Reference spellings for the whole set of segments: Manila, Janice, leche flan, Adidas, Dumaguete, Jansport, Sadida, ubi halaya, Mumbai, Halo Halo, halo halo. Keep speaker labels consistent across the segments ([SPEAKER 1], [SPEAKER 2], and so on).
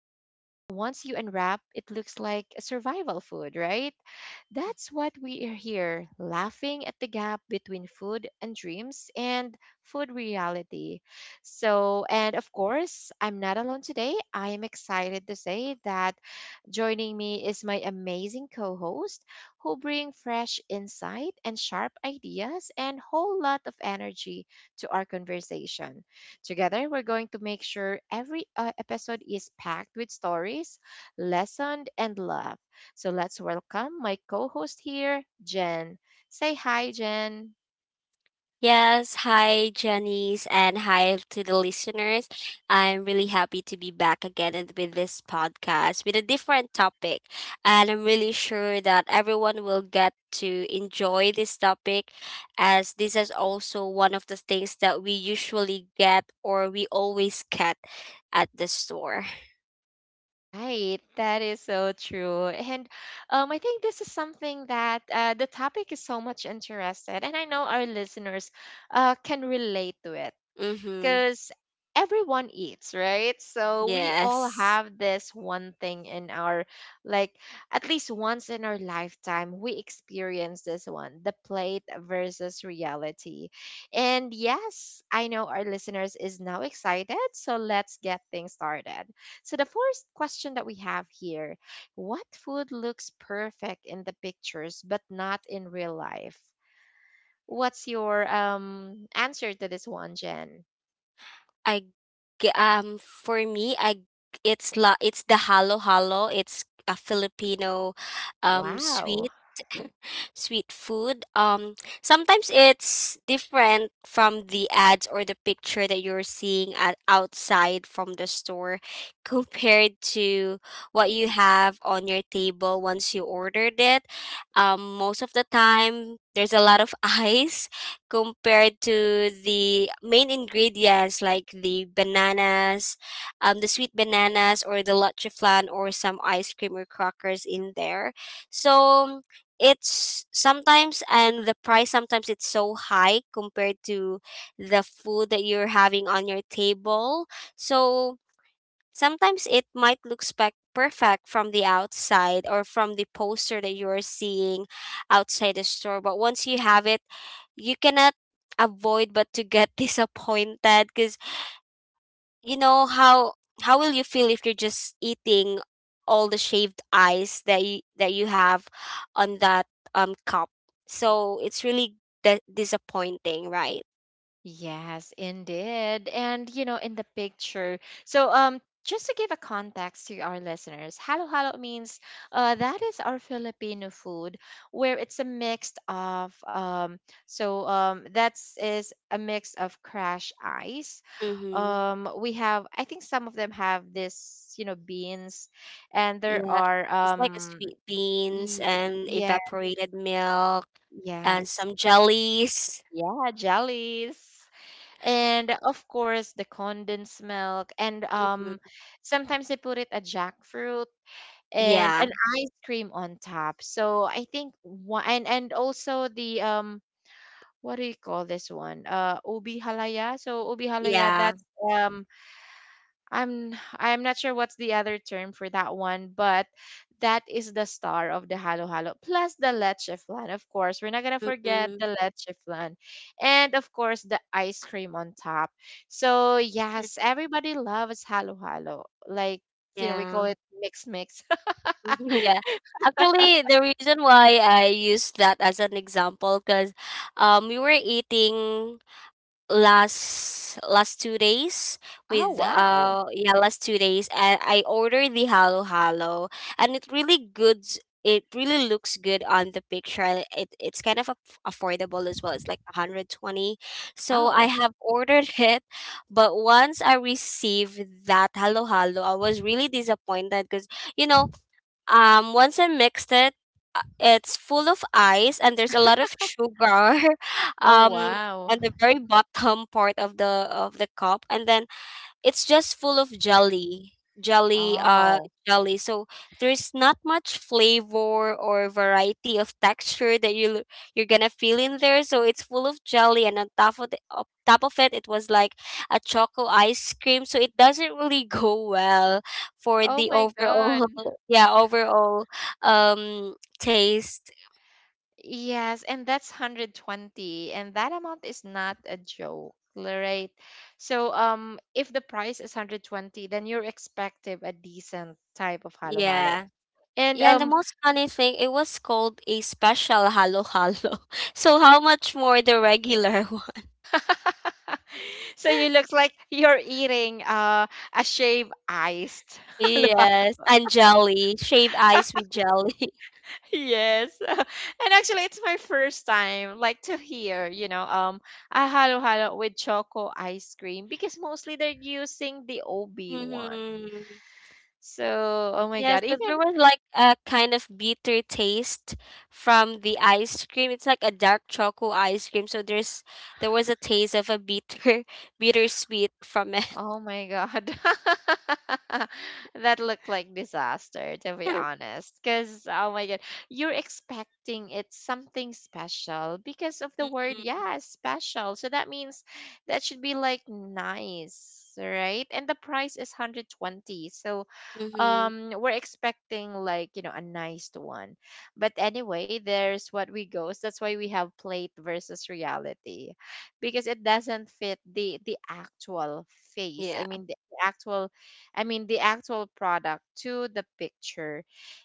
[SPEAKER 1] But once you unwrap, it looks like a survival food, right? That's what we are here, laughing at the gap between food and dreams and food reality. So, and of course, I'm not alone today. I am excited to say that joining me is my amazing co host who bring fresh insight and sharp ideas and whole lot of energy to our conversation. Together, we're going to make sure every episode is packed with stories, lesson, and love. So let's welcome my co-host here, Jen. Say hi, Jen.
[SPEAKER 2] Yes, hi Janice and hi to the listeners. I'm really happy to be back again and with this podcast with a different topic. And I'm really sure that everyone will get to enjoy this topic as this is also one of the things that we usually get or we always get at the store.
[SPEAKER 1] Right, that is so true. And I think this is something that the topic is so much interested, and I know our listeners can relate to it.
[SPEAKER 2] Mhm.
[SPEAKER 1] Because everyone eats, right? So we all
[SPEAKER 2] Yes.
[SPEAKER 1] have this one thing in our, like, at least once in our lifetime we experience this one, the plate versus reality. And yes, I know our listeners is now excited, so let's get things started. So the first question that we have here, what food looks perfect in the pictures but not in real life? What's your answer to this one, Jen?
[SPEAKER 2] I for me, I it's la it's the halo halo. It's a Filipino
[SPEAKER 1] Wow.
[SPEAKER 2] sweet sweet food. Sometimes it's different from the ads or the picture that you're seeing at outside from the store compared to what you have on your table once you ordered it. Most of the time there's a lot of ice compared to the main ingredients like the bananas, the sweet bananas or the leche flan or some ice cream or crackers in there. So it's sometimes, and the price sometimes it's so high compared to the food that you're having on your table. So sometimes it might look perfect from the outside or from the poster that you are seeing outside the store, but once you have it, you cannot avoid but to get disappointed, because you know how will you feel if you're just eating all the shaved ice that you have on that cup. So it's really disappointing, right?
[SPEAKER 1] Yes, indeed. And you know, in the picture. So just to give a context to our listeners, halo halo means that is our Filipino food where it's a mix of so that is a mix of crash ice.
[SPEAKER 2] Mhm.
[SPEAKER 1] We have, I think some of them have this, you know, beans, and there
[SPEAKER 2] Yeah,
[SPEAKER 1] are
[SPEAKER 2] it's like a sweet beans
[SPEAKER 1] y-
[SPEAKER 2] and
[SPEAKER 1] yeah,
[SPEAKER 2] evaporated milk and
[SPEAKER 1] yes,
[SPEAKER 2] some jellies.
[SPEAKER 1] yeah, jellies, and of course the condensed milk and
[SPEAKER 2] Hmm.
[SPEAKER 1] sometimes they put it a jackfruit and
[SPEAKER 2] Yeah.
[SPEAKER 1] an ice cream on top. So I think one, and also the what do you call this one, ubi halaya. So ubi halaya,
[SPEAKER 2] Yeah,
[SPEAKER 1] that's um I'm not sure what's the other term for that one, but that is the star of the Halo Halo. Plus the leche flan, of course. We're not gonna forget
[SPEAKER 2] hmm,
[SPEAKER 1] the leche flan. And of course the ice cream on top. So yes, everybody loves Halo Halo. Like, you know, we call
[SPEAKER 2] yeah.
[SPEAKER 1] it mix mix.
[SPEAKER 2] Yeah. Actually, the reason why I use that as an example, because we were eating last last 2 days
[SPEAKER 1] Oh
[SPEAKER 2] with
[SPEAKER 1] wow.
[SPEAKER 2] last 2 days, and I ordered the halo halo, and it really good. It really looks good on the picture, and it's kind of affordable as well. It's like 120, so I
[SPEAKER 1] Oh.
[SPEAKER 2] have ordered it. But once I received that halo halo, I was really disappointed because, you know, once I mixed it, it's full of ice and there's a lot of sugar
[SPEAKER 1] Oh
[SPEAKER 2] um
[SPEAKER 1] wow.
[SPEAKER 2] on the very bottom part of the cup, and then it's just full of jelly jelly uh
[SPEAKER 1] Oh.
[SPEAKER 2] jelly So there's not much flavor or variety of texture that you're gonna feel in there. So it's full of jelly, and on top of the on top of it it was like a choco ice cream, so it doesn't really go well for
[SPEAKER 1] Oh
[SPEAKER 2] the
[SPEAKER 1] my god.
[SPEAKER 2] overall yeah, overall taste.
[SPEAKER 1] Yes, and that's 120 and that amount is not a joke, right? So if the price is 120, then you're expecting a decent type of halo-halo.
[SPEAKER 2] Yeah.
[SPEAKER 1] And
[SPEAKER 2] Yeah, and the most funny thing, it was called a special halo halo. So how much more the regular.
[SPEAKER 1] so you look like you're eating a shaved iced halo-halo.
[SPEAKER 2] Yes, and jelly, shaved ice with jelly.
[SPEAKER 1] Yes. And actually it's my first time, like, to hear, you know, a halo-halo with choco ice cream because mostly they're using the OB one.
[SPEAKER 2] Mm-hmm.
[SPEAKER 1] So, oh my
[SPEAKER 2] Yes,
[SPEAKER 1] god,
[SPEAKER 2] but
[SPEAKER 1] even
[SPEAKER 2] there was like a kind of bitter taste from the ice cream. It's like a dark choco ice cream, so there was a taste of a bitter bittersweet from it.
[SPEAKER 1] oh my god. That looked like disaster, to be honest, because oh my god, you're expecting it's something special because of the word, yeah, special. So that means that should be like nice, right? And the price is 120. So
[SPEAKER 2] Mm-hmm.
[SPEAKER 1] we're expecting, like, you know, a nice one. But anyway, there's what we goes, that's why we have plate versus reality, because it doesn't fit the actual face,
[SPEAKER 2] Yeah.
[SPEAKER 1] I mean the actual, I mean the actual product to the picture.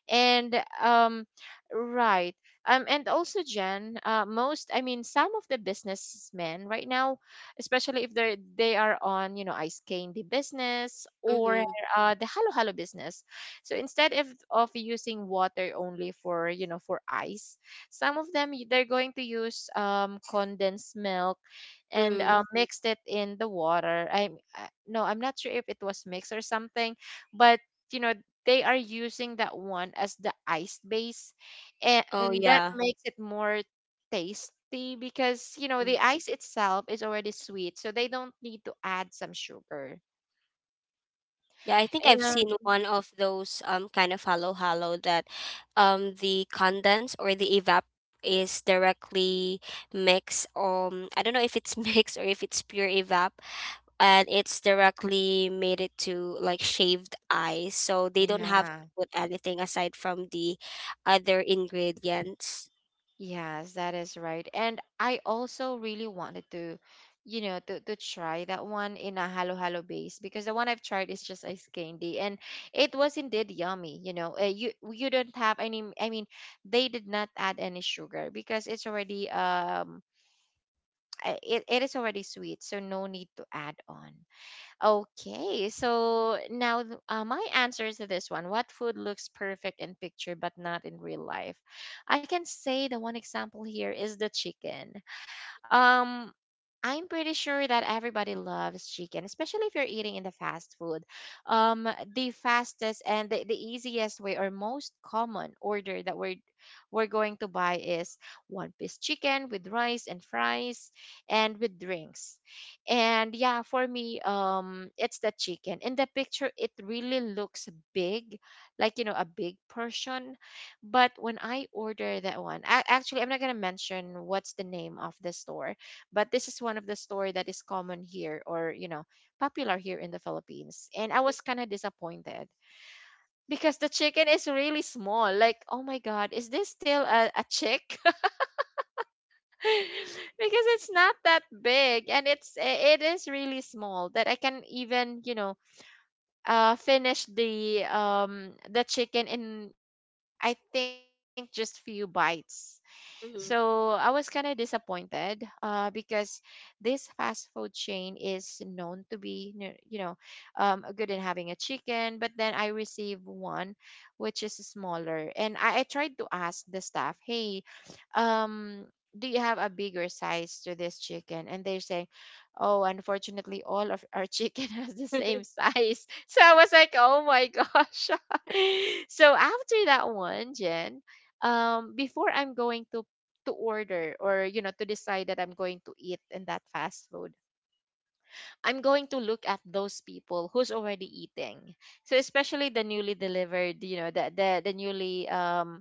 [SPEAKER 1] And um right. Um, and also, Jen, most, I mean some of the businessmen right now, especially if they are on, you know, ice the business or
[SPEAKER 2] Mm-hmm.
[SPEAKER 1] the halo halo business. So instead of using water only for, you know, for ice, some of them they're going to use condensed milk and
[SPEAKER 2] Mm.
[SPEAKER 1] mixed it in the water. I no, I'm not sure if it was mixed or something, but you know, they are using that one as the ice base, and,
[SPEAKER 2] Oh,
[SPEAKER 1] and that
[SPEAKER 2] yeah.
[SPEAKER 1] makes it more tasty, because you know the ice itself is already sweet, so they don't need to add some sugar
[SPEAKER 2] Yeah, I think I've
[SPEAKER 1] and,
[SPEAKER 2] seen one of those kind of hollow hollow that the condense or the evap is directly mixed. I don't know if it's mixed or if it's pure evap, and it's directly made it to like shaved ice, so they don't have
[SPEAKER 1] yeah.
[SPEAKER 2] to put anything aside from the other ingredients.
[SPEAKER 1] Yes, that is right. And I also really wanted to, you know, to try that one in a halo halo base, because the one I've tried is just ice candy and it was indeed yummy, you know. You don't have any, I mean, they did not add any sugar because it's already it, it is already sweet, so no need to add on. Okay, so now my answer to this one, what food looks perfect in picture but not in real life? I can say the one example here is the chicken. Um, I'm pretty sure that everybody loves chicken, especially if you're eating in the fast food. Um, the fastest and the easiest way or most common order that we're going to buy is one piece chicken with rice and fries and with drinks. And yeah, for me, it's the chicken. In the picture, it really looks big, like, you know, a big portion. But when I order that one, actually, I'm not gonna mention what's the name of the store, but this is one of the store that is common here, or you know, popular here in the Philippines. And I was kind of disappointed because the chicken is really small. Like, oh my God, is this still a chick? Because it's not that big, and it is really small that I can even, you know, finish the the chicken in, I think, just few bites. So I
[SPEAKER 2] Mhm.
[SPEAKER 1] was kind of disappointed because this fast food chain is known to be, you know, good in having a chicken, but then I received one which is smaller. And I tried to ask the staff, hey, um do you have a bigger size to this chicken? And they're saying, oh, unfortunately all of our chicken has the same size. So I was like, oh my gosh. So after that one, Jen, before I'm going to order, or you know, to decide that I'm going to eat in that fast food, I'm going to look at those people who's already eating. So especially the newly delivered, you know, the newly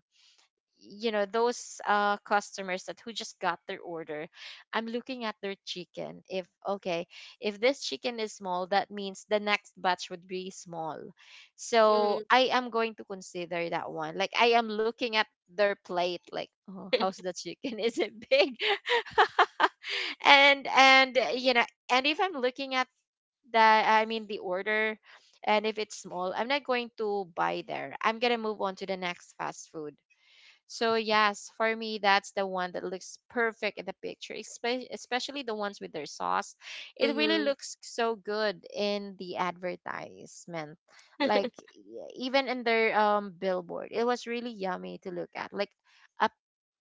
[SPEAKER 1] you know, those customers that who just got their order. I'm looking at their chicken, if okay, if this chicken is small, that means the next batch would be small. So
[SPEAKER 2] Mm.
[SPEAKER 1] I am going to consider that one, like I am looking at their plate like, oh, how's the chicken? Is it big? And you know, and if I'm looking at that, I mean the order, and if it's small, I'm not going to buy there. I'm gonna move on to the next fast food. So yes, for me, that's the one that looks perfect in the picture, especially the ones with their sauce. It really
[SPEAKER 2] Mhm.
[SPEAKER 1] looks so good in the advertisement, like, even in their billboard. It was really yummy to look at, like a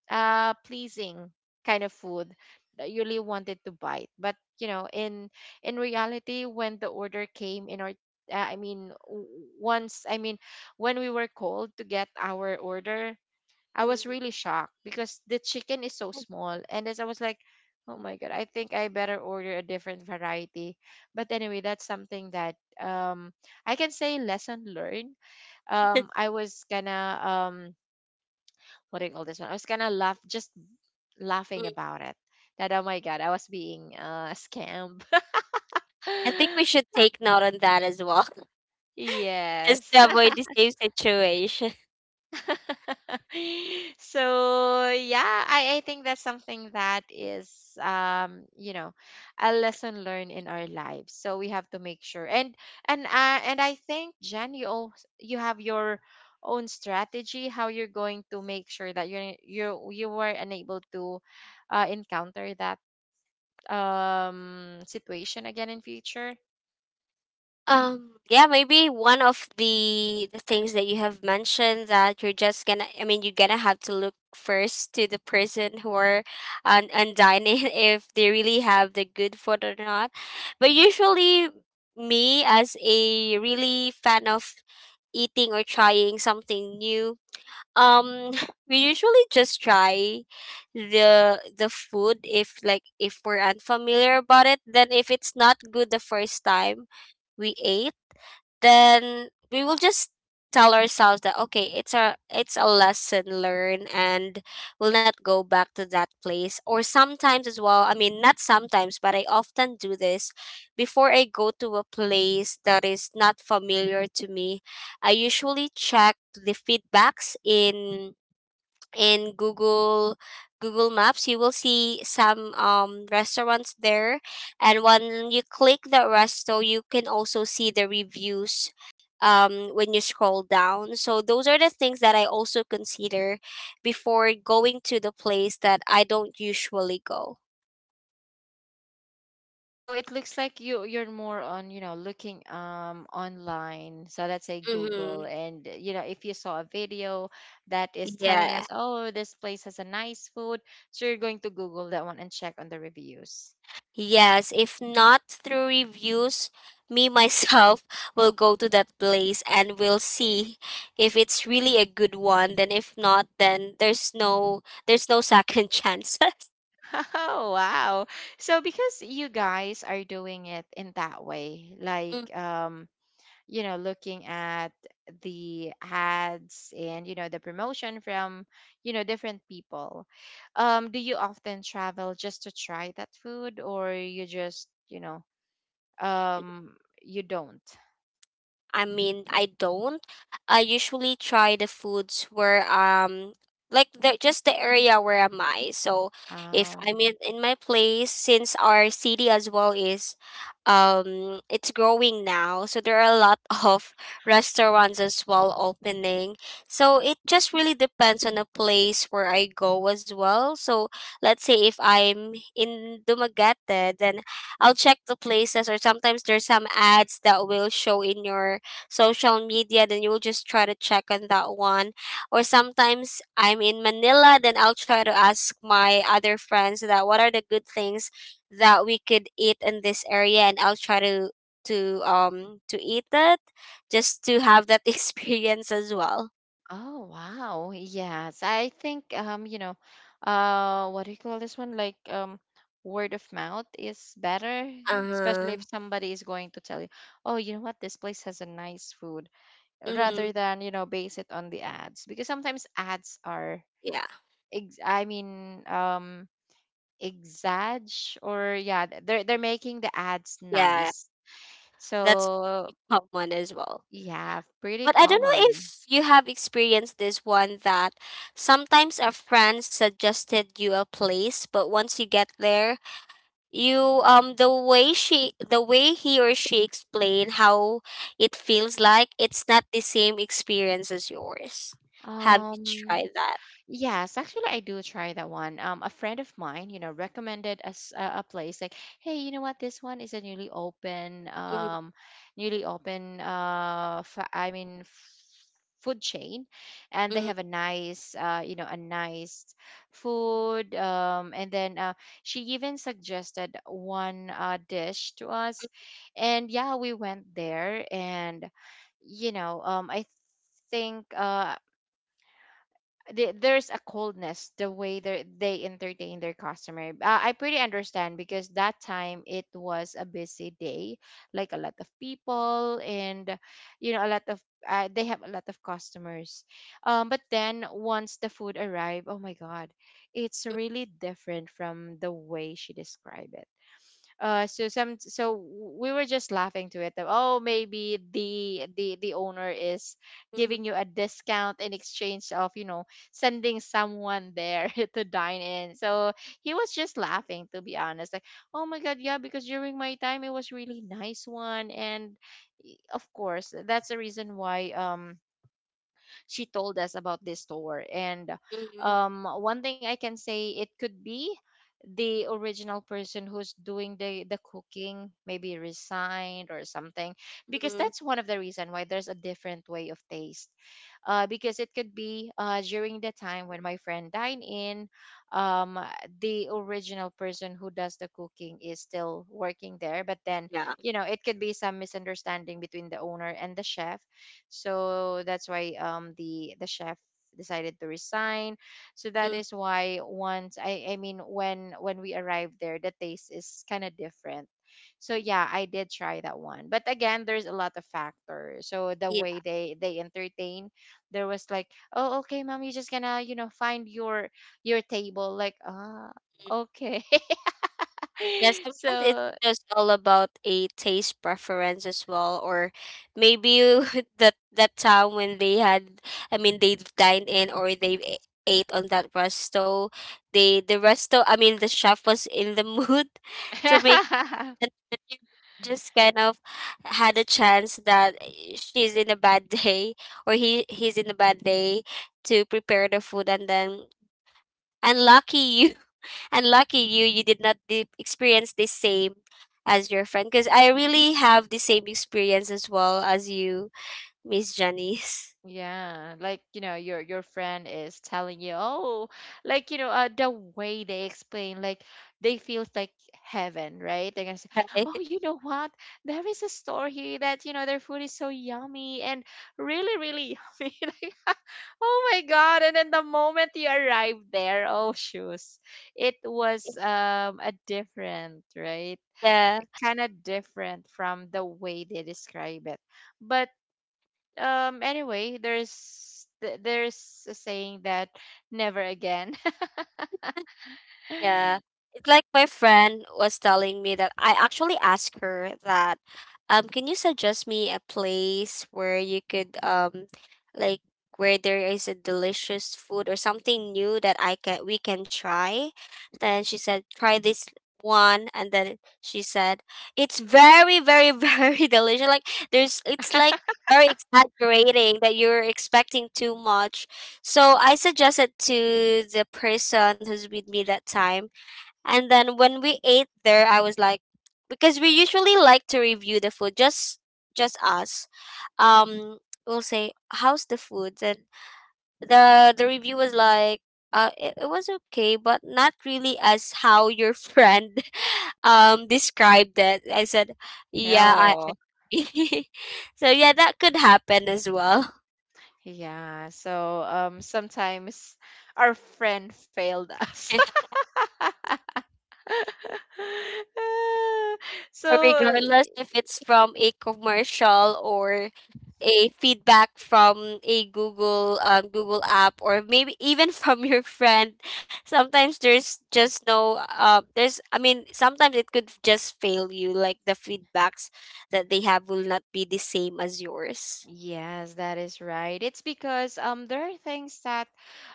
[SPEAKER 1] a pleasing kind of food that you really wanted to bite. But you know, in reality, when the order came in our I mean, once, I mean, when we were called to get our order, I was
[SPEAKER 2] Mm.
[SPEAKER 1] really shocked because the chicken is so small. And as I was like, oh my God, I think I better order a different variety. But anyway, that's something that um, I can say, lesson learned. I was gonna, um, what do you call this one? I was gonna laugh, just laughing
[SPEAKER 2] Mm.
[SPEAKER 1] about it. That, oh my God, I was being scammed.
[SPEAKER 2] I think we should take note on that as well, just
[SPEAKER 1] Yes.
[SPEAKER 2] to avoid the same situation.
[SPEAKER 1] So yeah, I think that's something that is you know, a lesson learned in our lives. So we have to make sure. And I think, Jen, you have your own strategy how you're going to make sure that you were unable to encounter that situation again in future.
[SPEAKER 2] Yeah, maybe one of the things that you have mentioned, that you're just gonna, I mean, you're gonna have to look first to the person who are on dining if they really have the good food or not. But usually, me as a really fan of eating or trying something new, um, we usually just try the food if, like, if we're unfamiliar about it. Then if it's not good the first time we ate, then we will just tell ourselves that, okay, it's a lesson learned, and we'll not go back to that place. Or sometimes as well, I mean, not sometimes, but I often do this: before I go to a place that is not familiar to me, I usually check the feedbacks in Google. Google Maps, you will see some restaurants there, and when you click the resto, you can also see the reviews when you scroll down. So those are the things that I also consider before going to the place that I don't usually go.
[SPEAKER 1] So it looks like you, you're more on, you know, looking online. So let's say
[SPEAKER 2] Mm-hmm.
[SPEAKER 1] Google, and you know, if you saw a video that is telling
[SPEAKER 2] Yeah.
[SPEAKER 1] us, oh, this place has a nice food, so you're going to Google that one and check on the reviews.
[SPEAKER 2] Yes, if not through reviews, me myself will go to that place and will see if it's really a good one. Then if not, then there's no second chances.
[SPEAKER 1] Oh, wow. So because you guys are doing it in that way, like you know looking at the ads and you know the promotion from you know different people do you often travel just to try that food or you just um you don't
[SPEAKER 2] I mean, I don't. I usually try the foods where like the just the area where am I. So if
[SPEAKER 1] um
[SPEAKER 2] I'm in my place, since our city as well is it's growing now, so there are a lot of restaurants as well opening. So it just really depends on the place where I go as well. So let's say if I'm in Dumaguete, then I'll check the places, or sometimes there's some ads that will show in your social media, then you'll just try to check on that one. Or sometimes I'm in Manila, then I'll try to ask my other friends that what are the good things that we could eat in this area, and I'll try to to eat it, just to have that experience as well.
[SPEAKER 1] oh wow. Yes, I think you know what do you call this one, like word of mouth is better,
[SPEAKER 2] Uh
[SPEAKER 1] especially if
[SPEAKER 2] huh.
[SPEAKER 1] somebody is going to tell you, oh, you know what, this place has a nice food,
[SPEAKER 2] Mm-hmm.
[SPEAKER 1] rather than you know base it on the ads, because sometimes ads are
[SPEAKER 2] Yeah,
[SPEAKER 1] ex- i mean um exag, or yeah, they're making the ads
[SPEAKER 2] yeah,
[SPEAKER 1] nice.
[SPEAKER 2] that's
[SPEAKER 1] So
[SPEAKER 2] common as well.
[SPEAKER 1] yeah, pretty
[SPEAKER 2] But I don't know
[SPEAKER 1] common.
[SPEAKER 2] if you have experienced this one, that sometimes a friend suggested you a place, but once you get there, you the way she the way he or she explained how it feels like, it's not the same experience as yours. Have you
[SPEAKER 1] um
[SPEAKER 2] tried that?
[SPEAKER 1] Yes, actually, I do try that one. A friend of mine, you know, recommended us a place like, hey, you know what? This one is a
[SPEAKER 2] Mm-hmm,
[SPEAKER 1] newly open, food chain, and they
[SPEAKER 2] mm-hmm,
[SPEAKER 1] have a nice, you know, a nice food. And then she even suggested one dish to us, and yeah, we went there, and you know, I think the- there's a coldness the way they entertain their customer. I pretty understand because that time it was a busy day, like a lot of people and you know a lot of they have a lot of customers. But then once the food arrived, oh my god, it's really different from the way she described it. So we were just laughing to it that, oh maybe the owner is
[SPEAKER 2] mm-hmm,
[SPEAKER 1] giving you a discount in exchange of you know sending someone there to dine in. So he was just laughing, to be honest, like, oh my god. Yeah, because during my time it was really nice one. And of course that's the reason why she told us about this store. And
[SPEAKER 2] mm-hmm,
[SPEAKER 1] one thing I can say, it could be the original person who's doing the cooking maybe resigned or something, because
[SPEAKER 2] mm-hmm.
[SPEAKER 1] that's one of the reason why there's a different way of taste. Because it could be during the time when my friend dined in, um, the original person who does the cooking is still working there, but then
[SPEAKER 2] Yeah.
[SPEAKER 1] you know it could be some misunderstanding between the owner and the chef. So that's why the chef decided to resign. So that
[SPEAKER 2] Mm,
[SPEAKER 1] is why once when we arrived there the taste is kind of different. So yeah, I did try that one. But again, there's a lot of factors. So the
[SPEAKER 2] yeah.
[SPEAKER 1] way they entertain, there was like, "Oh, okay, mom, you're just gonna, you know, find your table." Like, "Ah, okay."
[SPEAKER 2] Yeah, sometimes it's
[SPEAKER 1] So
[SPEAKER 2] just all about a taste preference as well. Or maybe you, that that time when they had, I mean, they dined in or they ate on that resto, they the resto, I mean, the chef was in the mood to make that that you just kind of had a chance that she's in a bad day or he's in a bad day to prepare the food, and then unlucky you. And lucky you, you did not experience the same as your friend, because I really have the same experience as well as you, Miss Janice.
[SPEAKER 1] yeah, like you know, your friend is telling you, oh, like you know, the way they explain, like they feels like heaven, right? They're gonna say,
[SPEAKER 2] Right?
[SPEAKER 1] oh, you know what? There is a store here that you know their food is so yummy and really, really yummy. Like, oh my God! And then the moment you arrive there, oh shoes, it was a different, right?
[SPEAKER 2] Yeah.
[SPEAKER 1] Kind of different from the way they describe it. But anyway, there's there's a saying that never again.
[SPEAKER 2] Yeah. It's like my friend was telling me that I actually asked her that, can you suggest me a place where you could like where there is a delicious food or something new that I can we can try? Then she said, try this one, and then she said, it's very, very, very delicious. Like, there's it's like very exaggerating that you're expecting too much. So I suggested to the person who's with me that time. And then when we ate there, I was like, because we usually like to review the food, just us. Um, we'll say, "How's the food?" Then the review was like, It was okay, but not really as how your friend described it." I said, "Yeah, I."
[SPEAKER 1] Oh
[SPEAKER 2] So yeah, that could happen as well.
[SPEAKER 1] yeah, so sometimes our friend failed us. Ah, so
[SPEAKER 2] So regardless if it's from a commercial or a feedback from a Google Google app, or maybe even from your friend, sometimes there's just no there's, I mean, sometimes it could just fail you, like the feedbacks that they have will not be the same as yours.
[SPEAKER 1] yes, that is right. It's because there are things that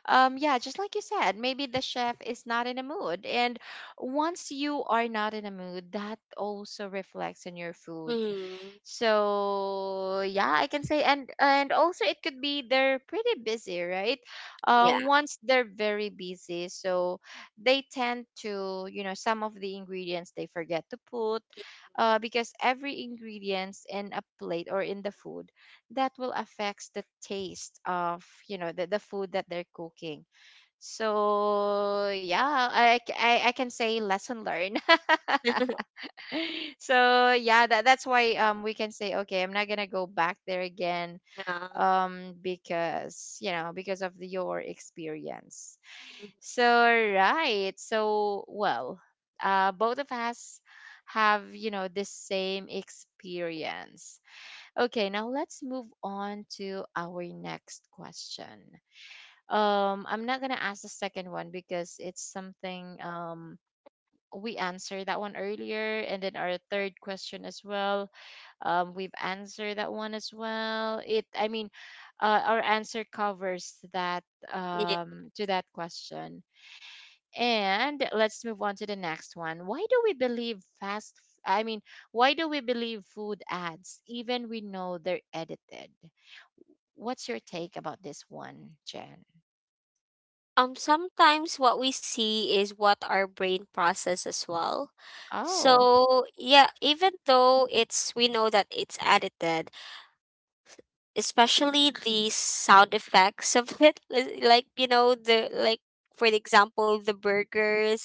[SPEAKER 1] yeah, just like you said, maybe the chef is not in a mood, and once you are not in a mood, that also reflects on your food.
[SPEAKER 2] Hmm.
[SPEAKER 1] So yeah, I can say, and also it could be they're pretty busy, right?
[SPEAKER 2] Yeah.
[SPEAKER 1] Once they're very busy, so they tend to you know some of the ingredients they forget to put, because every ingredients in a plate or in the food that will affects the taste of you know the food that they're cooking. So yeah, I can say lesson learned. So yeah, that's why we can say okay, I'm not gonna go back there again,
[SPEAKER 2] Yeah.
[SPEAKER 1] because you know because of your experience. So right, so well, both of us have you know the same experience. Okay, now let's move on to our next question. I'm not gonna ask the second one because it's something we answered that one earlier, and then our third question as well, we've answered that one as well. It I mean our answer covers that,
[SPEAKER 2] Mhm.
[SPEAKER 1] to that question. And let's move on to the next one. Why do we believe fast f- I mean why do we believe food ads even we know they're edited? What's your take about this one, Jen?
[SPEAKER 2] Sometimes what we see is what our brain process as well.
[SPEAKER 1] Oh
[SPEAKER 2] So yeah, even though it's we know that it's edited, especially the sound effects of it, like you know the like for the example the burgers,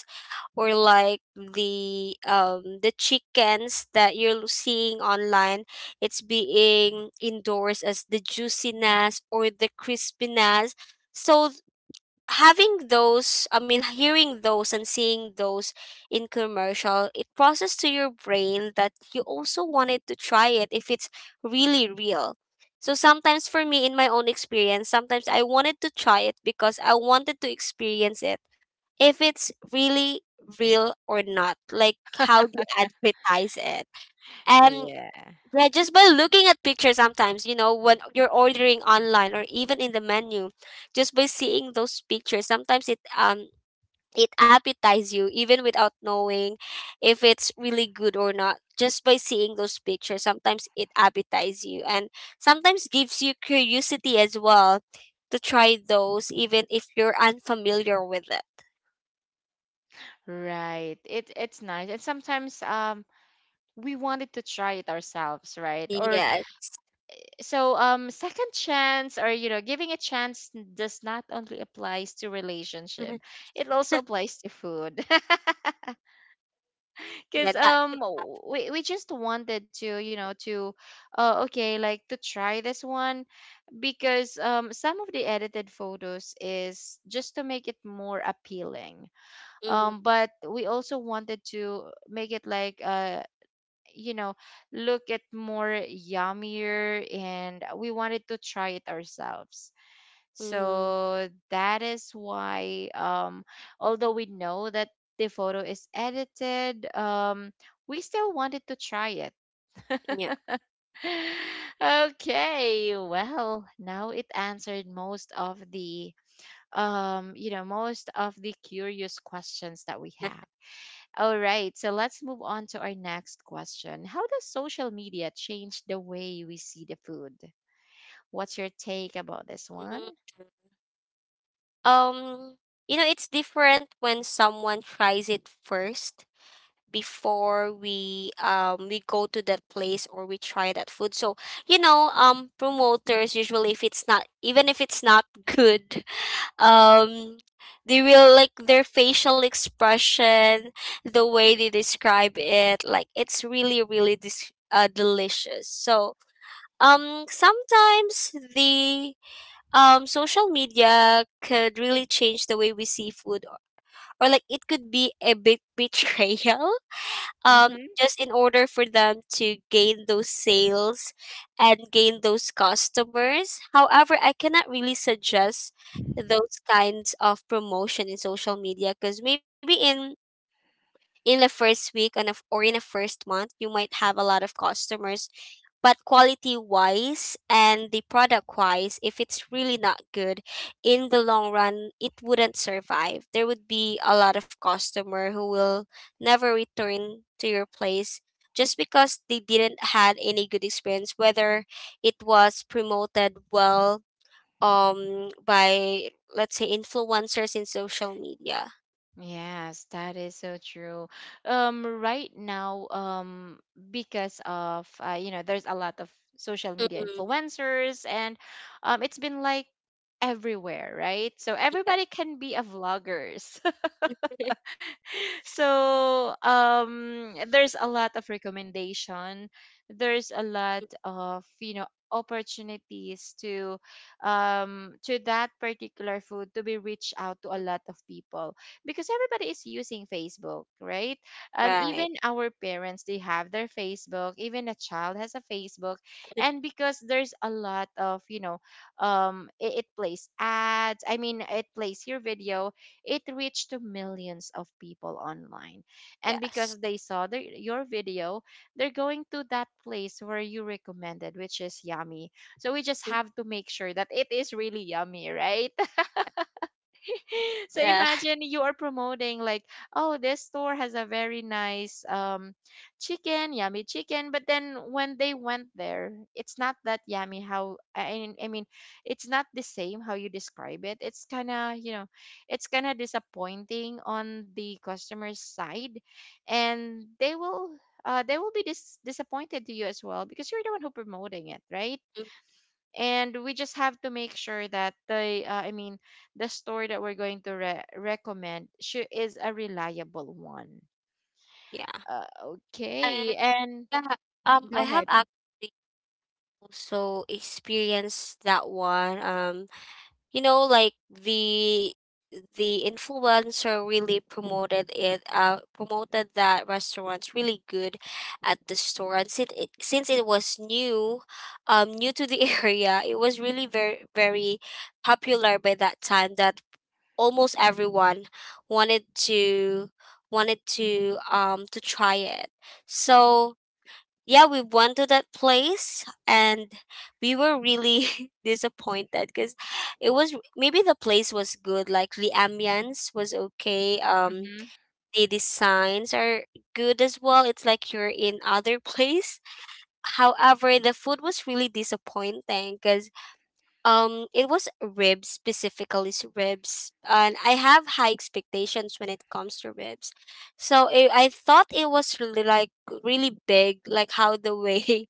[SPEAKER 2] or like the chickens that seeing online, it's being endorsed as the juiciness or the crispiness. So having those, I mean, hearing those and seeing those in commercial, it processed to your brain that you also wanted to try it if it's really real. So sometimes for me, in my own experience, sometimes I wanted to try it because I wanted to experience it if it's really real or not, like how they advertise it.
[SPEAKER 1] yeah,
[SPEAKER 2] Yeah, just by looking at pictures sometimes, you know, when you're ordering online or even in the menu, just by seeing those pictures, sometimes it it appetizes you even without knowing if it's really good or not. Just by seeing those pictures, sometimes it appetizes you and sometimes gives you curiosity as well to try those even if you're unfamiliar with it.
[SPEAKER 1] right, it it's nice, and sometimes we wanted to try it ourselves, right? Or
[SPEAKER 2] Yeah.
[SPEAKER 1] so second chance, or you know giving a chance, does not only applies to relationship, it also applies to food.
[SPEAKER 2] Yeah,
[SPEAKER 1] Because
[SPEAKER 2] that could
[SPEAKER 1] um w-
[SPEAKER 2] happen.
[SPEAKER 1] we, we just wanted to you know to okay, like to try this one, because some of the edited photos is just to make it more appealing.
[SPEAKER 2] Mm-hmm.
[SPEAKER 1] But we also wanted to make it like you know, look at more yummier, and we wanted to try it ourselves.
[SPEAKER 2] Mm-hmm.
[SPEAKER 1] So that is why although we know that the photo is edited, we still wanted to try it. Okay, well, now it answered most of the you know most of the curious questions that we have. All right, so let's move on to our next question. How does social media change the way we see the food? What's your take about this one?
[SPEAKER 2] Yeah. Um, you know, it's different when someone tries it first before we go to that place or we try that food. So, promoters usually, if it's not good, um they will, like, their facial expression, the way they describe it, like it's really really delicious. So, sometimes the social media could really change the way we see food, or like it could be a big betrayal
[SPEAKER 1] Mm-hmm.
[SPEAKER 2] just in order for them to gain those sales and gain those customers. However, I cannot really suggest those kinds of promotion in social media, because maybe in the first week or in the first month you might have a lot of customers, but quality wise and the product wise, if it's really not good, in the long run it wouldn't survive. There would be a lot of customer who will never return to your place, just because they didn't had any good experience, whether it was promoted well by, let's say, influencers in social media.
[SPEAKER 1] Yes, that is so true. Right now, because of you know, there's a lot of social media
[SPEAKER 2] Mm.
[SPEAKER 1] influencers, and it's been like everywhere, right? So
[SPEAKER 2] Yeah.
[SPEAKER 1] everybody can be a vloggers. So there's a lot of recommendation, there's a lot of you know opportunities to that particular food to be reached out to a lot of people, because everybody is using Facebook, right? Even
[SPEAKER 2] Right.
[SPEAKER 1] our parents, they have their Facebook, even a child has a Facebook. And because there's a lot of you know it plays ads I mean it plays your video, it reached to millions of people online. And
[SPEAKER 2] Yes.
[SPEAKER 1] because they saw your video, they're going to that place where you recommended, which is yummy. So we just
[SPEAKER 2] Mm,
[SPEAKER 1] have to make sure that it is really yummy, right? So
[SPEAKER 2] yeah.
[SPEAKER 1] imagine you are promoting like, oh, this store has a very nice chicken, yummy chicken, but then when they went there, it's not that yummy how it's not the same how you describe it. It's kind of, you know, it's kind of disappointing on the customer's side, and they will be disappointed to you as well, because you're the one who promoting it, right?
[SPEAKER 2] Mm,
[SPEAKER 1] And we just have to make sure that the the store that we're going to recommend sure is a reliable one.
[SPEAKER 2] yeah.
[SPEAKER 1] Okay.
[SPEAKER 2] And,
[SPEAKER 1] And
[SPEAKER 2] yeah,
[SPEAKER 1] go
[SPEAKER 2] I have
[SPEAKER 1] ahead.
[SPEAKER 2] actually also experienced that one. Like the influencer really promoted that restaurant's really good at the store. And since it was new to the area, it was really very very popular by that time, that almost everyone wanted to wanted to try it. So, yeah, we went to that place, and we were really disappointed, because it was maybe the place was good, like the ambience was okay.
[SPEAKER 1] Hmm.
[SPEAKER 2] The designs are good as well. It's like you're in other place. However, the food was really disappointing, because it was ribs, specifically ribs, and I have high expectations when it comes to ribs. So I thought it was really like really big, like how the way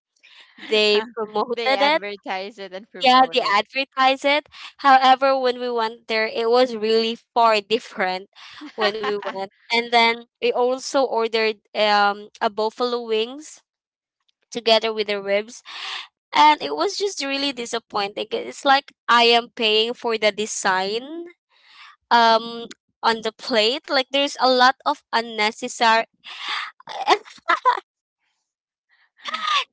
[SPEAKER 2] they
[SPEAKER 1] They
[SPEAKER 2] promoted it.
[SPEAKER 1] advertise it and
[SPEAKER 2] Yeah,
[SPEAKER 1] promote
[SPEAKER 2] they
[SPEAKER 1] it.
[SPEAKER 2] advertised it. However, when we went there it was really far different. When we went, and then we also ordered a buffalo wings together with the ribs, and it was just really disappointing. It's like I am paying for the design, um on the plate, like there's a lot of unnecessary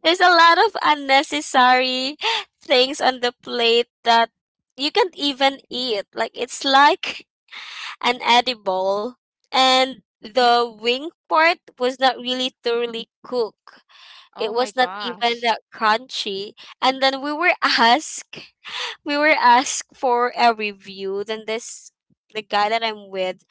[SPEAKER 2] there's a lot of unnecessary things on the plate that you can't even eat. Like, it's like an edible. And the wing part was not really thoroughly cooked. It
[SPEAKER 1] Oh my
[SPEAKER 2] was not even
[SPEAKER 1] gosh.
[SPEAKER 2] that crunchy. And then we were asked we were asked for a review. Then this the guy that I'm with,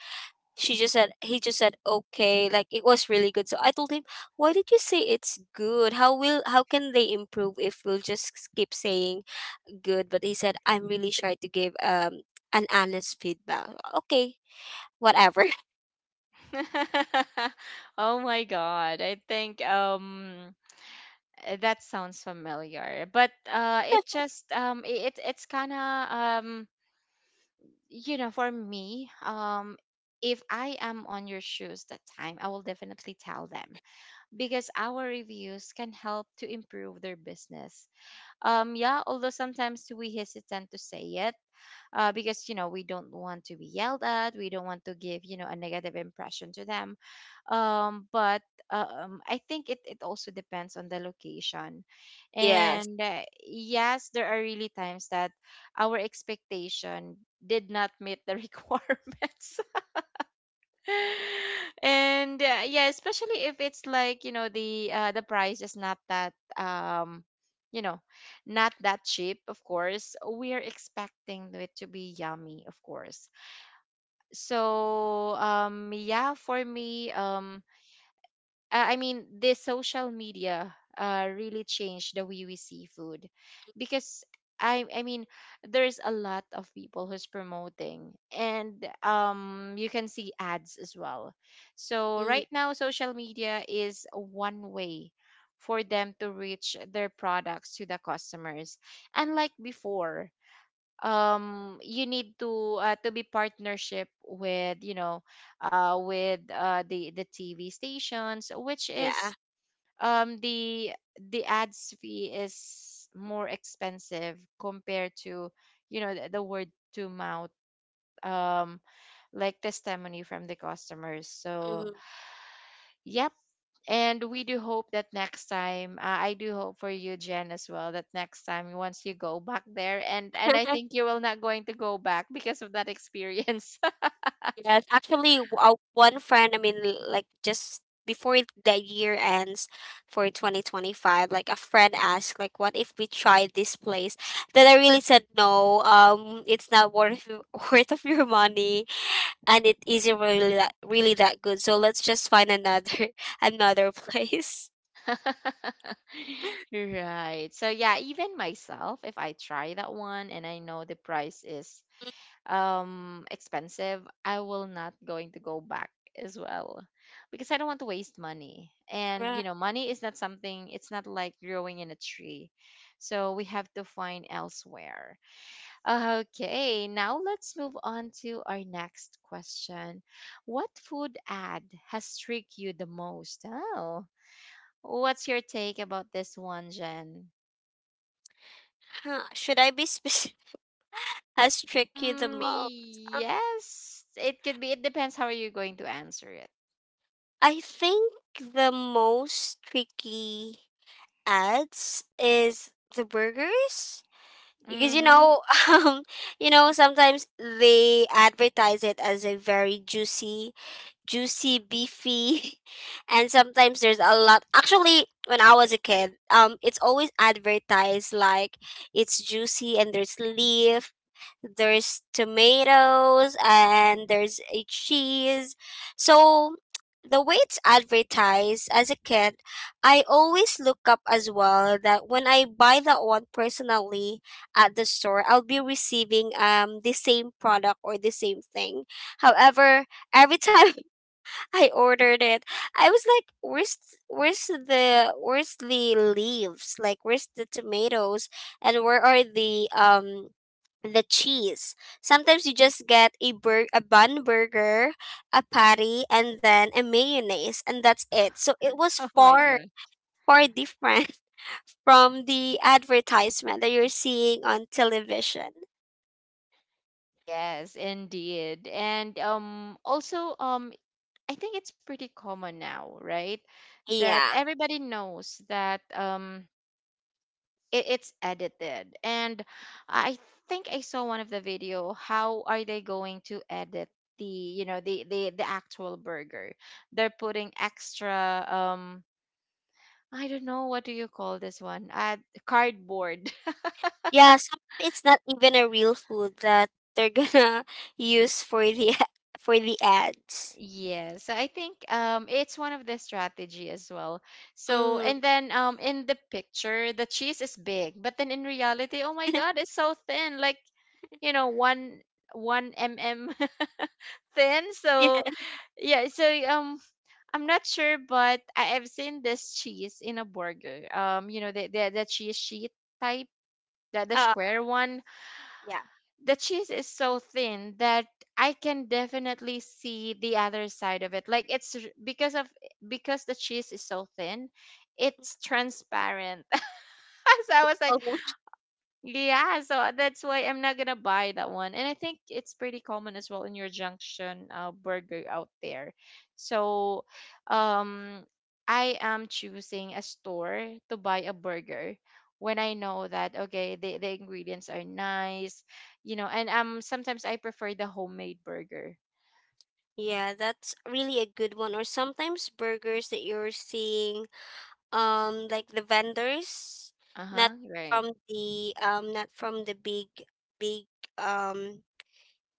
[SPEAKER 2] she just said he just said okay, like it was really good. So I told him, why did you say it's good? How can they improve if we'll just keep saying good? But he said, I'm really shy to give an honest feedback. Okay, whatever.
[SPEAKER 1] Oh my god, I think that sounds familiar, but it just it it's kind of um you know, for me, if I am on your shoes that time, I will definitely tell them, because our reviews can help to improve their business. Yeah, although sometimes we hesitant to say it, because you know we don't want to be yelled at, we don't want to give you know a negative impression to them. But I think it also depends on the location.
[SPEAKER 2] Yes.
[SPEAKER 1] And yes, there are really times that our expectation did not meet the requirements. And yeah, especially if it's like you know the price is not that you know, not that cheap, of course we are expecting it to be yummy, of course. So yeah, for me, this social media really changed the way we see food, because I I mean, there's a lot of people who's promoting, and you can see ads as well. So
[SPEAKER 2] Mm,
[SPEAKER 1] right now, social media is one way for them to reach their products to the customers. Unlike before, you need to be partnership with you know with the TV stations, which
[SPEAKER 2] yeah.
[SPEAKER 1] is um the the ads fee is more expensive compared to you know the word to mouth, um like testimony from the customers. So
[SPEAKER 2] Mhm.
[SPEAKER 1] yep. And we do hope that next time, I do hope for you, Jen, as well, that next time once you go back there, and I think you will not going to go back because of that experience.
[SPEAKER 2] Yes, actually, one friend, I mean, like just before the year ends for 2025, like a friend asked, like, what if we try this place? Then I really said no. It's not worth worth of your money, and it isn't really that good. So let's just find another another place.
[SPEAKER 1] Right. So yeah, even myself, if I try that one and I know the price is expensive, I will not going to go back as well, because I don't want to waste money. And
[SPEAKER 2] Right.
[SPEAKER 1] you know, money is not something, it's not like growing in a tree. So we have to find elsewhere. Okay, now let's move on to our next question. What food ad has tricked you the most? Oh, what's your take about this one, Jen?
[SPEAKER 2] Huh. Should I be specific? Has tricky the most?
[SPEAKER 1] Yes, it could be. It depends how are you going to answer it.
[SPEAKER 2] I think the most tricky ads is the burgers, because
[SPEAKER 1] Mm-hmm.
[SPEAKER 2] um sometimes they advertise it as a very juicy, juicy, beefy and sometimes there's a lot. Actually, when I was a kid, it's always advertised like it's juicy, and there's leaf, there's tomatoes, and there's a cheese. So the way it's advertised as a kid, I always look up as well, that when I buy that one personally at the store, I'll be receiving the same product or the same thing. However, every time I ordered it, I was like, "Where's the leaves? Like, where's the tomatoes? And where are the cheese?" Sometimes you just get a bun burger, a patty, and then a mayonnaise, and that's it. So it was
[SPEAKER 1] Oh my
[SPEAKER 2] far,
[SPEAKER 1] god.
[SPEAKER 2] far different from the advertisement that you're seeing on television.
[SPEAKER 1] Yes, indeed. And also I think it's pretty common now, right? That
[SPEAKER 2] Yeah.
[SPEAKER 1] everybody knows that it's edited. And I think I saw one of the video, how are they going to edit the, you know, the actual burger? They're putting extra, I don't know what do you call this one? Cardboard.
[SPEAKER 2] Yeah, sometimes it's not even a real food that they're gonna use for the for the ads.
[SPEAKER 1] Yeah, so I think it's one of the strategy as well. So
[SPEAKER 2] Mm.
[SPEAKER 1] and then in the picture the cheese is big, but then in reality, oh my god, it's so thin, like you know one thin. So
[SPEAKER 2] Yeah.
[SPEAKER 1] yeah, so I'm not sure, but I've seen this cheese in a burger. You know the cheese sheet type, the
[SPEAKER 2] Uh,
[SPEAKER 1] square one.
[SPEAKER 2] yeah.
[SPEAKER 1] The cheese is so thin that I can definitely see the other side of it. Like it's r- because of because the cheese is so thin, it's transparent. So I was like,
[SPEAKER 2] Almost.
[SPEAKER 1] yeah, so that's why I'm not gonna buy that one. And I think it's pretty common as well in your junction burger out there. So, um, I am choosing a store to buy a burger when I know that okay, the ingredients are nice, you know, and sometimes I prefer the homemade burger.
[SPEAKER 2] Yeah, that's really a good one. Or sometimes burgers that you're seeing, like, the vendors,
[SPEAKER 1] Uh huh.
[SPEAKER 2] not
[SPEAKER 1] Right.
[SPEAKER 2] not from the big um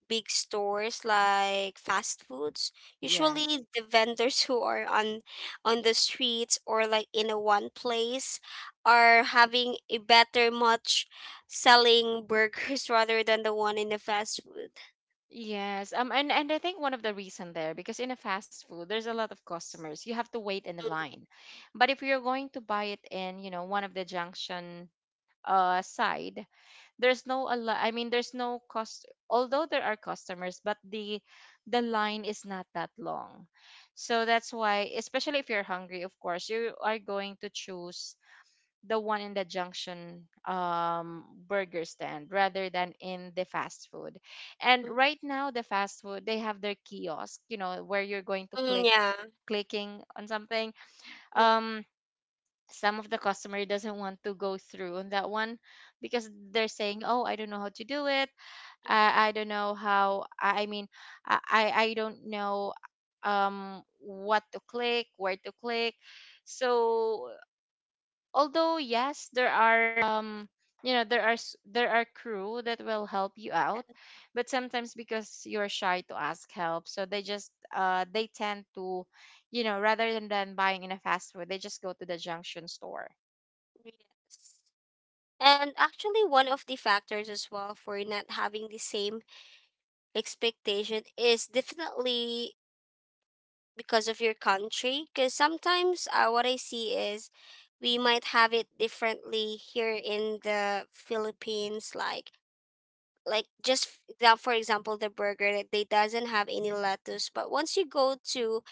[SPEAKER 2] big stores like fast foods.
[SPEAKER 1] Yes.
[SPEAKER 2] Usually the vendors who are on the streets, or like in a one place, are having a better much selling burgers rather than the one in the fast food.
[SPEAKER 1] Yes. And I think one of the reason there because in a fast food there's a lot of customers. You have to wait in the line. But if you're going to buy it in, you know, one of the junction side, there's no a lot, I mean there's no cost although there are customers, but the line is not that long. So that's why especially if you're hungry, of course, you are going to choose the one in the junction burger stand rather than in the fast food. And
[SPEAKER 2] Mm.
[SPEAKER 1] right now, the fast food they have their kiosk, you know, where you're going to
[SPEAKER 2] Mm, yeah.
[SPEAKER 1] clicking on something.
[SPEAKER 2] Mm,
[SPEAKER 1] Um, some of the customer doesn't want to go through on that one because they're saying, "Oh, I don't know how to do it. I don't know how. I mean, I don't know what to click, where to click." So although yes there are you know there are s- there are crew that will help you out,
[SPEAKER 2] that-
[SPEAKER 1] but sometimes because you're shy to ask help, so they just they tend to, you know, rather than buying in a fast food they just go to the junction store.
[SPEAKER 2] yes. And actually, one of the factors as well for not having the same expectation is definitely because of your country, because sometimes what I see is we might have it differently here in the Philippines, like, just now, for example, the burger that they doesn't have any lettuce. But once you go to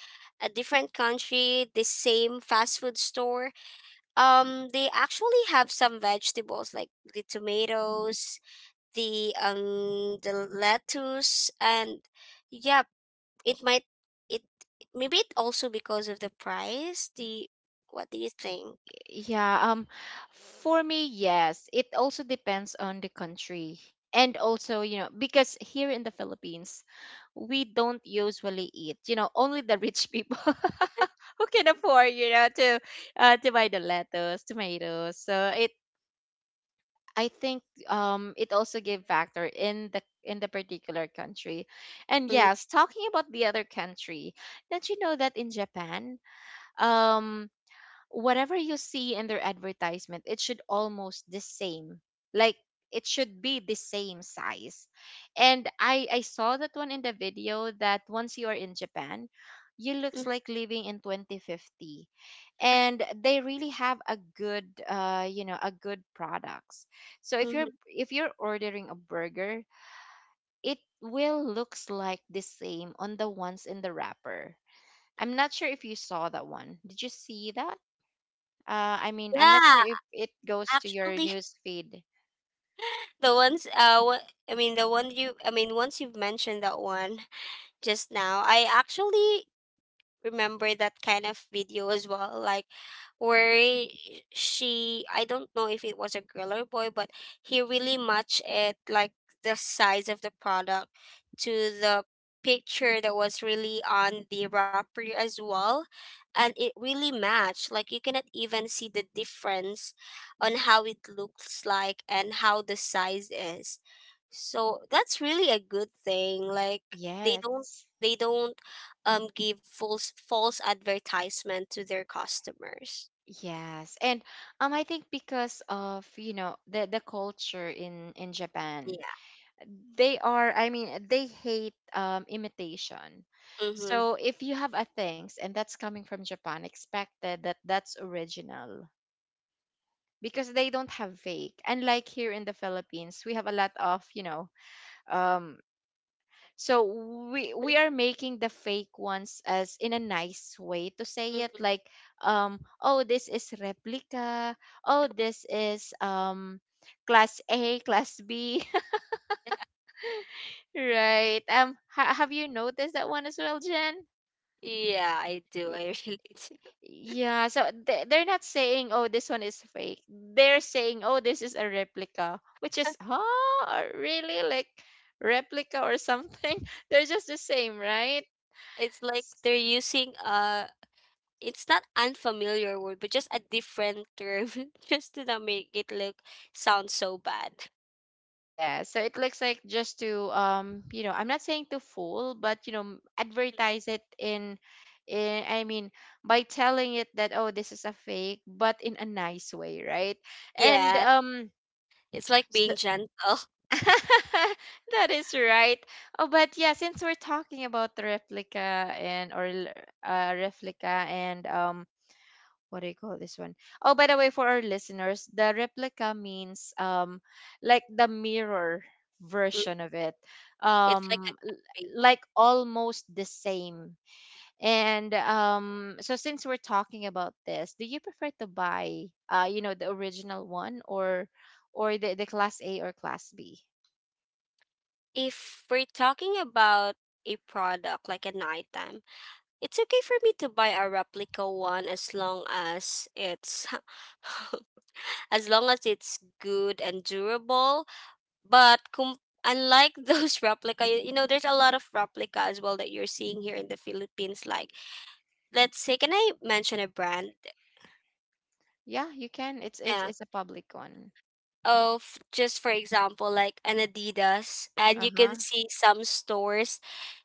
[SPEAKER 2] a different country, the same fast food store, they actually have some vegetables, like the tomatoes, the lettuce, and yeah, it might, it it also because of the price, the what do you think?
[SPEAKER 1] Yeah, for me yes, it also depends on the country. And also, you know, because here in the Philippines, we don't usually eat, you know, only the rich people who can afford, you know, to buy the lettuce, tomatoes. So it I think it also give factor in the particular country. And
[SPEAKER 2] Mm.
[SPEAKER 1] yes, talking about the other country, don't you know that in Japan, um whatever you see in their advertisement, it should almost the same. Like it should be the same size. And I saw that one in the video that once you are in Japan, you looks
[SPEAKER 2] Mm,
[SPEAKER 1] like living in 2050. And they really have a good you know, a good products. So
[SPEAKER 2] mm-hmm.
[SPEAKER 1] if you're ordering a burger, it will looks like the same on the ones in the wrapper. I'm not sure if you saw that one. Did you see that? I mean, I'm not sure
[SPEAKER 2] Yeah,
[SPEAKER 1] if it goes to your
[SPEAKER 2] actually,
[SPEAKER 1] news feed.
[SPEAKER 2] the ones what I mean, the one you I mean, once you've mentioned that one just now, I actually remember that kind of video as well, like, where she I don't know if it was a girl or boy, but he really matched it, like, the size of the product to the picture that was really on the wrapper as well. And it really matched, like, you cannot even see the difference on how it looks like and how the size is. So that's really a good thing, like they don't
[SPEAKER 1] Yes.
[SPEAKER 2] they don't give false, false advertisement to their customers.
[SPEAKER 1] Yes. And I think because of, you know, the culture in Japan,
[SPEAKER 2] Yeah.
[SPEAKER 1] they are, I mean, they hate imitation.
[SPEAKER 2] Mhm.
[SPEAKER 1] So if you have a things and that's coming from Japan, expected that that's original. Because they don't have fake. Unlike here in the Philippines, we have a lot of, you know, um so we are making the fake ones as in a nice way to say
[SPEAKER 2] Mhm.
[SPEAKER 1] it like, oh this is replica, oh this is class A, class B, right? Have you noticed that one as well, Jen?
[SPEAKER 2] Yeah, I do. I really do.
[SPEAKER 1] Yeah, so they're not saying, "Oh, this one is fake." They're saying, "Oh, this is a replica," which is, huh, really like replica or something. They're just the same, right?
[SPEAKER 2] It's like
[SPEAKER 1] S-
[SPEAKER 2] they're using it's not unfamiliar word, but just a different term just to not make it look sound so bad.
[SPEAKER 1] Yeah, so it looks like just to, you know, I'm not saying to fool, but you know,
[SPEAKER 2] Mhm.
[SPEAKER 1] advertise it in, I mean, by telling it that, "Oh, this is a fake," but in a nice way, right? And
[SPEAKER 2] Yeah,
[SPEAKER 1] um,
[SPEAKER 2] it's like
[SPEAKER 1] s-
[SPEAKER 2] being gentle.
[SPEAKER 1] that is right. Oh, but yeah, since we're talking about the replica and or replica and, what do you call this one? Oh, by the way, for our listeners, the replica means, like the mirror
[SPEAKER 2] Mm.
[SPEAKER 1] version of it,
[SPEAKER 2] It's like a
[SPEAKER 1] um, l-
[SPEAKER 2] campaign.
[SPEAKER 1] like almost the same. And so since we're talking about this, do you prefer to buy, you know, the original one or the class A or class B?
[SPEAKER 2] If we're talking about a product like a nighttime, it's okay for me to buy a replica one, as long as it's as long as it's good and durable. But unlike those replica, you know, there's a lot of replica as well that you're seeing here in the Philippines. Like, let's say, can I mention a brand?
[SPEAKER 1] Yeah, you can. It's it's
[SPEAKER 2] Yeah.
[SPEAKER 1] it's a public one.
[SPEAKER 2] Of, just for example, like an Adidas, and you can
[SPEAKER 1] Uh-huh.
[SPEAKER 2] see some stores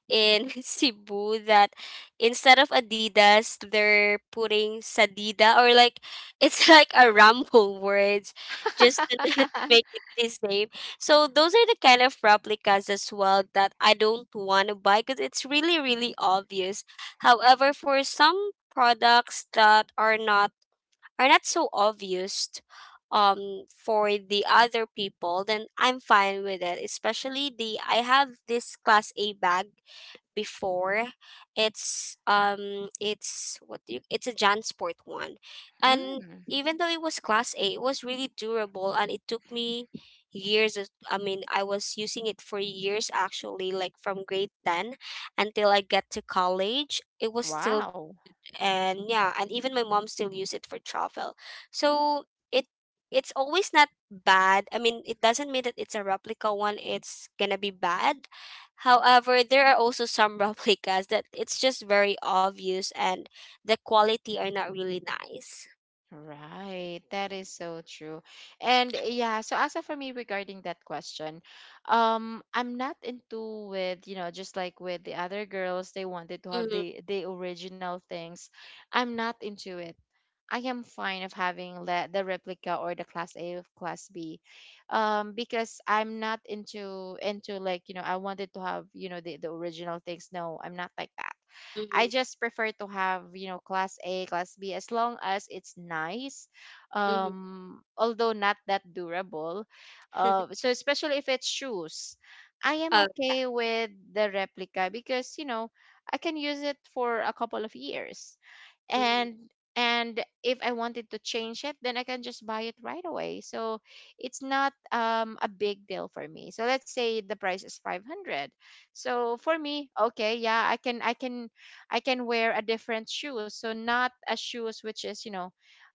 [SPEAKER 2] in Cebu, that instead of Adidas, they're putting Sadida, or like it's like a ramble words, just to not make it the same. So those are the kind of replicas as well that I don't want to buy, because it's really, really obvious. However, for some products that are not so obvious um for the other people, then I'm fine with it. Especially, the I have this class A bag before. It's what do you it's a Jansport one. And
[SPEAKER 1] Mm,
[SPEAKER 2] even though it was class A, it was really durable, and it took me I mean, I was using it for years, actually, like from grade 10 until I get to college. It was still.
[SPEAKER 1] wow.
[SPEAKER 2] And yeah, and even my mom still use it for travel, so it it's always not bad. I mean, it doesn't mean that it's a replica one, it's gonna be bad. However, there are also some replicas that it's just very obvious, and the quality are not really nice.
[SPEAKER 1] Right. That is so true. And yeah, so as of for me regarding that question, I'm not into with, you know, just like with the other girls, they wanted to have
[SPEAKER 2] Mm-hmm.
[SPEAKER 1] the original things. I'm not into it. I am fine of having the replica or the class A of class B, because I'm not into like you know I wanted to have you know the original things. No, I'm not like that. I
[SPEAKER 2] Mm-hmm.
[SPEAKER 1] just prefer to have you know class A, class B as long as it's nice,
[SPEAKER 2] Mm-hmm.
[SPEAKER 1] although not that durable. So especially if it's shoes, I am
[SPEAKER 2] Oh, yeah.
[SPEAKER 1] okay with the replica because you know I can use it for a couple of years.
[SPEAKER 2] Mm-hmm.
[SPEAKER 1] And if I wanted to change it, then I can just buy it right away. So it's not a big deal for me. So let's say the price is 500. So for me, okay, yeah, I can wear a different shoes. So not a shoes which is, you know,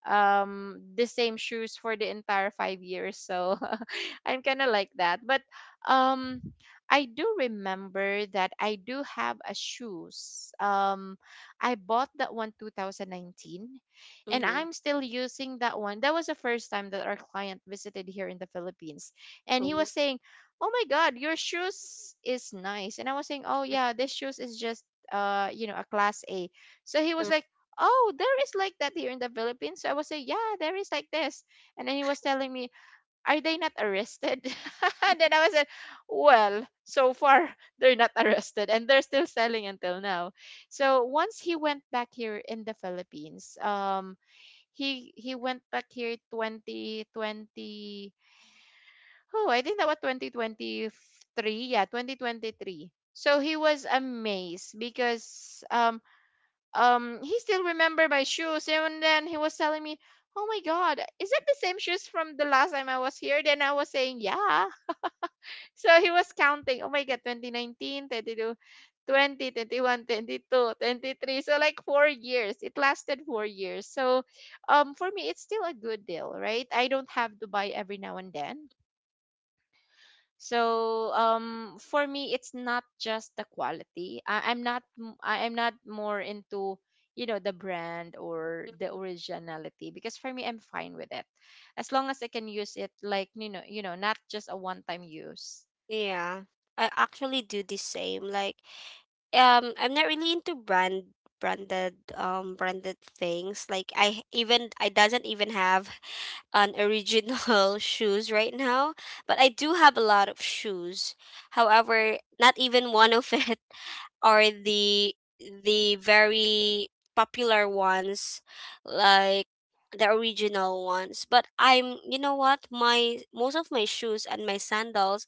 [SPEAKER 1] the same shoes for the entire 5 years. So I'm kind of like that. But um, I do remember that I do have a shoes. I bought that one 2019, and
[SPEAKER 2] Mm-hmm.
[SPEAKER 1] I'm still using that one. That was the first time that our client visited here in the Philippines, and he
[SPEAKER 2] Oh.
[SPEAKER 1] was saying, "Oh my God, your shoes is nice." And I was saying, "Oh yeah, this shoes is just you know, a class A." So he was
[SPEAKER 2] Mm-hmm.
[SPEAKER 1] like. Oh, there is like that here in the Philippines. So I was saying, yeah, there is like this. And then he was telling me, are they not arrested? And then I was like, well, so far they're not arrested and they're still selling until now. So once he went back here in the Philippines, he went back here 2020. Oh, I think that was 2023. Yeah, 2023. So he was amazed because he still remember my shoes. And then he was telling me, oh my god, is that the same shoes from the last time I was here? Then I was saying yeah. So he was counting, oh my God, 2019, 20, 21, 22, 23. So like 4 years. It lasted 4 years. So for me it's still a good deal, right? I don't have to buy every now and then. So for me it's not just the quality. I am not more into you know the brand or the originality because for me I'm fine with it. As long as I can use it like you know, not just a one time use.
[SPEAKER 2] Yeah, I actually do the same, like, I'm not really into branded things, like, even I doesn't even have an original shoes right now. But I do have a lot of shoes, however not even one of it are the very popular ones, like the original ones. But I'm you know what, my most of my shoes and my sandals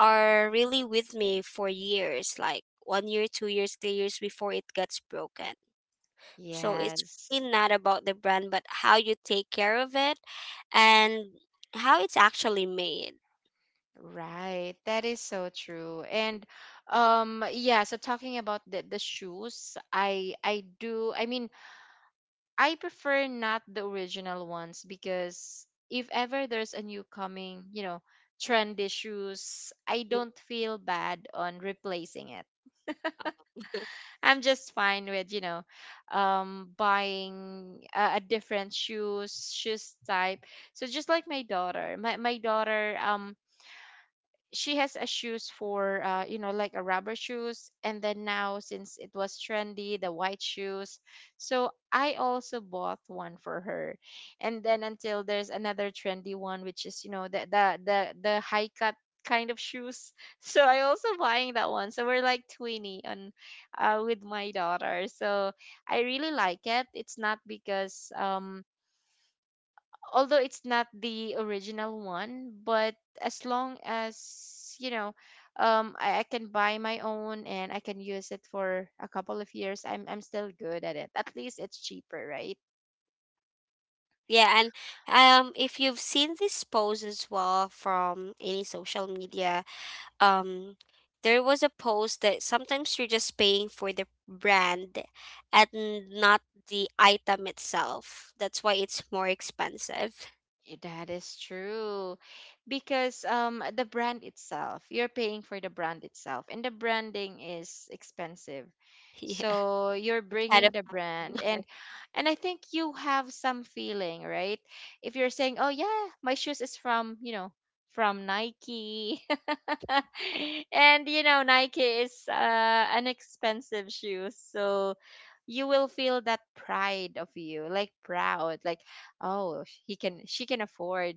[SPEAKER 2] are really with me for years, like 1 year, 2 years, 3 years before it gets broken. So it's
[SPEAKER 1] Yes.
[SPEAKER 2] really not about the brand, but how you take care of it and how it's actually made.
[SPEAKER 1] Right, that is so true. And yeah, so talking about the shoes, I mean, I prefer not the original ones because if ever there's a new coming, you know, trendy shoes, I
[SPEAKER 2] Mm.
[SPEAKER 1] don't feel bad on replacing it.
[SPEAKER 2] uh,
[SPEAKER 1] I'm just fine with, you know, buying a different shoes type. So just like my daughter, my daughter she has a shoes for you know, like a rubber shoes. And then now since it was trendy, the white shoes, so I also bought one for her. And then until there's another trendy one, which is, you know, the high cut kind of shoes so I also buying that one. So we're like 20 on, with my daughter. So I really like it. It's not because although it's not the original one, but as long as you know, I can buy my own and I can use it for a couple of years. I'm still good at it. At least it's cheaper, right?
[SPEAKER 2] Yeah, and if you've seen this post as well from any social media, um, there was a post that sometimes you're just paying for the brand, and not the item itself. That's why it's more expensive.
[SPEAKER 1] Eh, that is true. Because the brand itself, you're paying for the brand itself, and the branding is expensive.
[SPEAKER 2] Yeah, I
[SPEAKER 1] So you're
[SPEAKER 2] try
[SPEAKER 1] bringing
[SPEAKER 2] to
[SPEAKER 1] the brand,
[SPEAKER 2] find.
[SPEAKER 1] and I think you have some feeling, right? If you're saying, "Oh yeah, my shoes is from, you know, from Nike." And you know, Nike is an expensive shoe. So you will feel that pride of you, like proud, like he can, she can afford.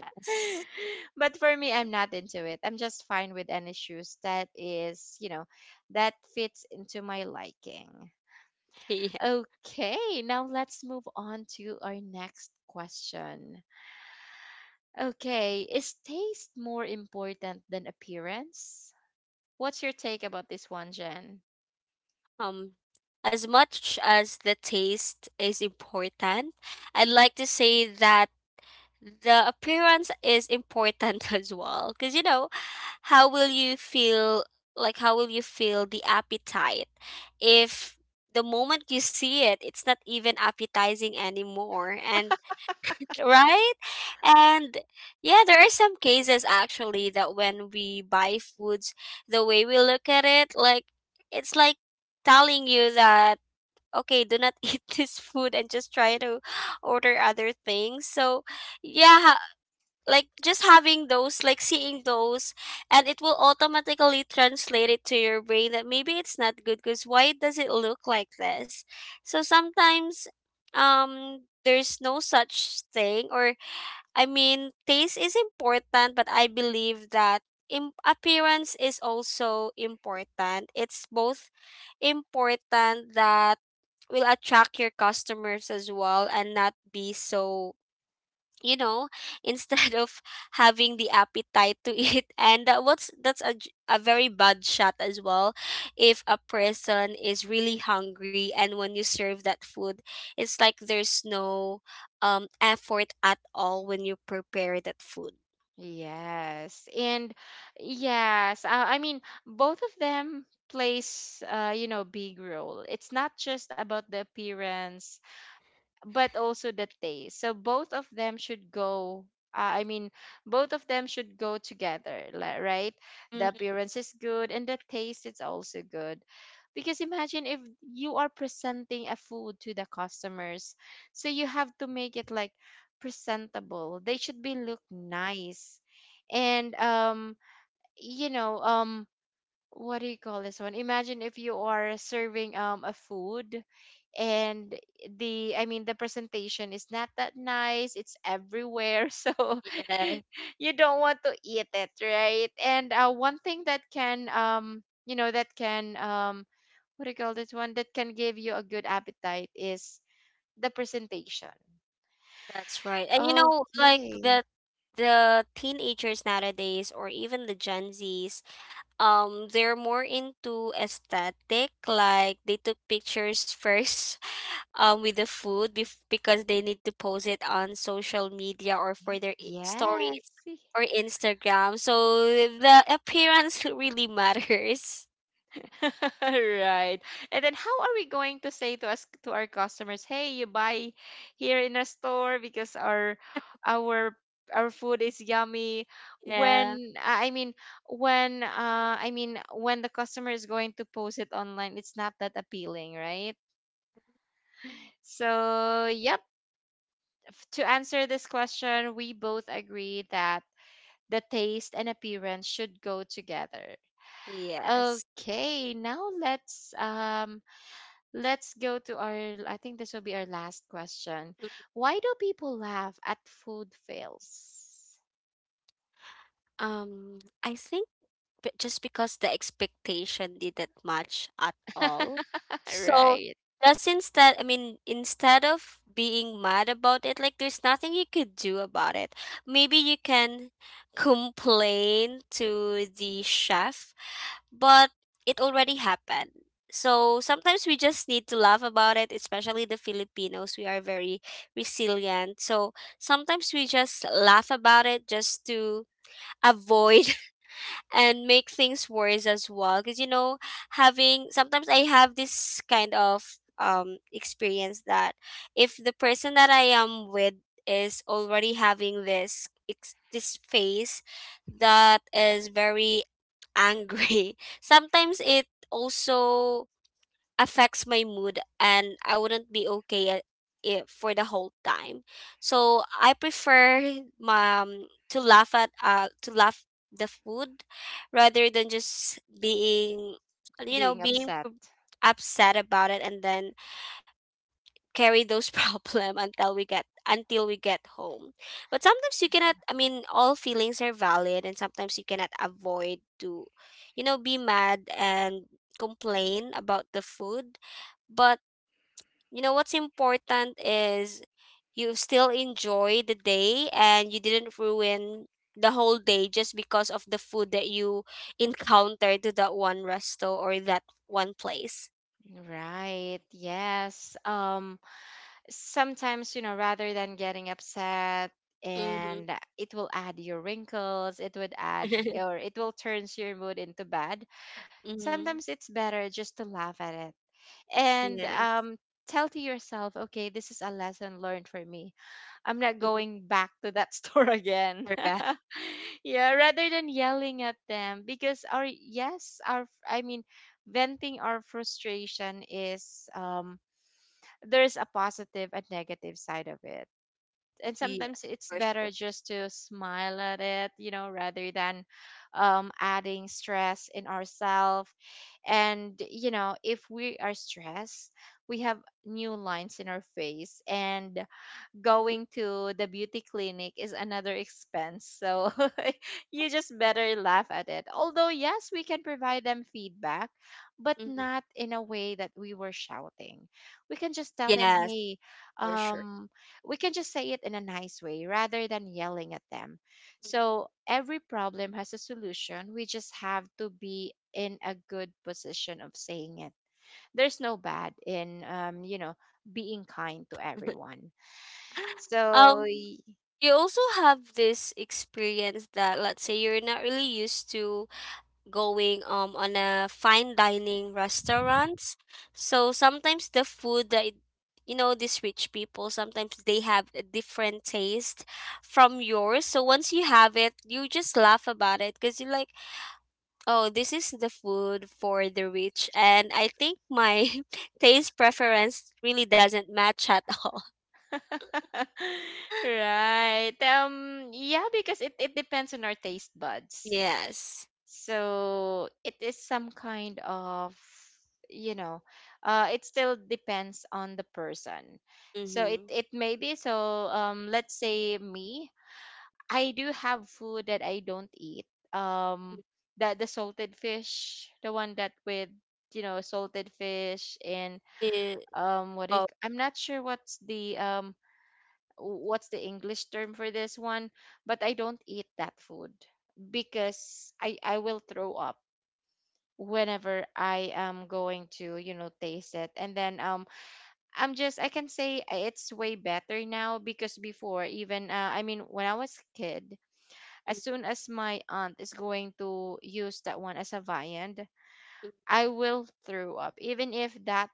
[SPEAKER 2] Yes.
[SPEAKER 1] But for me, I'm not into it. I'm just fine with any shoes that is, you know, that fits into my liking.
[SPEAKER 2] Yeah.
[SPEAKER 1] Okay, now let's move on to our next question. Okay, is taste more important than appearance? What's your take about this one, Jen?
[SPEAKER 2] Um, as much as the taste is important, I'd like to say that the appearance is important as well. Because, you know, how will you feel, like, how will you feel the appetite if the moment you see it, it's not even appetizing anymore? And right? And yeah, there are some cases actually that when we buy foods, the way we look at it, like it's like telling you that okay, do not eat this food and just try to order other things. So yeah, like just having those, like seeing those, and it will automatically translate it to your brain that maybe it's not good because why does it look like this? So sometimes there's no such thing or I mean, taste is important, but I believe that appearance is also important. It's both important that will attract your customers as well and not be so you know instead of having the appetite to eat and that what's that's a, j- a very bad shot as well if a person is really hungry and when you serve that food it's like there's no effort at all when you prepare that food.
[SPEAKER 1] Yes. And yes, I mean, both of them plays, you know, big role. It's not just about the appearance, but also the taste. So both of them should go. I mean, both of them should go together, right? The
[SPEAKER 2] Mm,
[SPEAKER 1] appearance is good and the taste is also good. Because imagine if you are presenting a food to the customers, so you have to make it like presentable. They should be look nice, and you know, what do you call this one? Imagine if you are serving a food, and the I mean the presentation is not that nice, it's everywhere. So
[SPEAKER 2] yeah,
[SPEAKER 1] you don't want to eat it, right? And one thing that can you know, that can what do you call this one, that can give you a good appetite is the presentation.
[SPEAKER 2] that's right. And you know, like
[SPEAKER 1] Okay.
[SPEAKER 2] the teenagers nowadays or even the gen Z's, they're more into aesthetic, like they took pictures first with the food because they need to post it on social media or for their stories
[SPEAKER 1] Yes.
[SPEAKER 2] or Instagram. So the appearance really matters.
[SPEAKER 1] Right. And then how are we going to say to us, to our customers, "Hey, you buy here in a store because our our food is yummy."
[SPEAKER 2] Yeah.
[SPEAKER 1] When I mean, when I mean, when the customer is going to post it online, it's not that appealing, right? So yep, to answer this question, we both agree that the taste and appearance should go together.
[SPEAKER 2] Yes.
[SPEAKER 1] Okay, now let's go to our, I think this will be our last question.
[SPEAKER 2] Mm.
[SPEAKER 1] Why do people laugh at food fails?
[SPEAKER 2] I think just because the expectation didn't match at all. So
[SPEAKER 1] Right.
[SPEAKER 2] just instead, I mean, instead of being mad about it, like there's nothing you could do about it. Maybe you can complain to the chef, but it already happened. So sometimes we just need to laugh about it, especially the Filipinos. We are very resilient. So sometimes we just laugh about it just to avoid and make things worse as well, because you know, having sometimes I have this kind of experience that if the person that I am with is already having this face that is very angry, sometimes it also affects my mood and I wouldn't be okay at it for the whole time. So I prefer my, to laugh at to laugh the food rather than just being, you know,
[SPEAKER 1] Being
[SPEAKER 2] being
[SPEAKER 1] upset.
[SPEAKER 2] upset about it, and then carry those problem until we get, until we get home. But sometimes you cannot, I mean, all feelings are valid, and sometimes you cannot avoid to, you know, be mad and complain about the food, but you know what's important is you still enjoy the day and you didn't ruin the whole day just because of the food that you encountered to that one resto or that one place.
[SPEAKER 1] Right. Yes. Sometimes, you know, rather than getting upset,
[SPEAKER 2] Mm-hmm.
[SPEAKER 1] and it will add your wrinkles, it would add, or it will turns your mood into bad.
[SPEAKER 2] Mm-hmm.
[SPEAKER 1] Sometimes it's better just to laugh at it, and
[SPEAKER 2] Yes.
[SPEAKER 1] tell to yourself, okay, this is a lesson learned for me. I'm not
[SPEAKER 2] Mm-hmm.
[SPEAKER 1] going back to that store again.
[SPEAKER 2] For that.
[SPEAKER 1] Yeah, rather than yelling at them, because our, yes, our, I mean, venting our frustration is there's a positive and negative side of it. And
[SPEAKER 2] Yeah,
[SPEAKER 1] sometimes it's
[SPEAKER 2] for
[SPEAKER 1] better
[SPEAKER 2] sure.
[SPEAKER 1] just to smile at it, you know, rather than adding stress in ourselves. And you know, if we are stressed, we have new lines in our face. And going to the beauty clinic is another expense. So you just better laugh at it. Although, yes, we can provide them feedback, but
[SPEAKER 2] Mhm.
[SPEAKER 1] not in a way that we were shouting. We can just tell them,
[SPEAKER 2] Yes,
[SPEAKER 1] hey,
[SPEAKER 2] for sure.
[SPEAKER 1] um, we can just say it in a nice way rather than yelling at them.
[SPEAKER 2] Mhm.
[SPEAKER 1] So every problem has a solution. We just have to be in a good position of saying it. There's no bad in, you know, being kind to everyone. So
[SPEAKER 2] Um, you also have this experience that, let's say you're not really used to going on a fine dining restaurants. So sometimes the food that you know, these rich people sometimes they have a different taste from yours. So once you have it, you just laugh about it because you're like, oh, this is the food for the rich, and I think my taste preference really doesn't match at all.
[SPEAKER 1] right. Yeah, because it depends on our taste buds.
[SPEAKER 2] Yes.
[SPEAKER 1] So it is some kind of, you know, it still depends on the person. So
[SPEAKER 2] Mm-hmm.
[SPEAKER 1] it may be so. Let's say me, I do have food that I don't eat. Um that the salted fish, the one that with, you know, salted fish and
[SPEAKER 2] It,
[SPEAKER 1] what do
[SPEAKER 2] oh.
[SPEAKER 1] you, I'm not sure what's the English term for this one, but I don't eat that food because I will throw up whenever I am going to, you know, taste it. And then I'm just, I can say it's way better now, because before, even I mean when I was kid, as soon as my aunt is going to use that one as a viand,
[SPEAKER 2] Mm-hmm.
[SPEAKER 1] I will throw up, even if that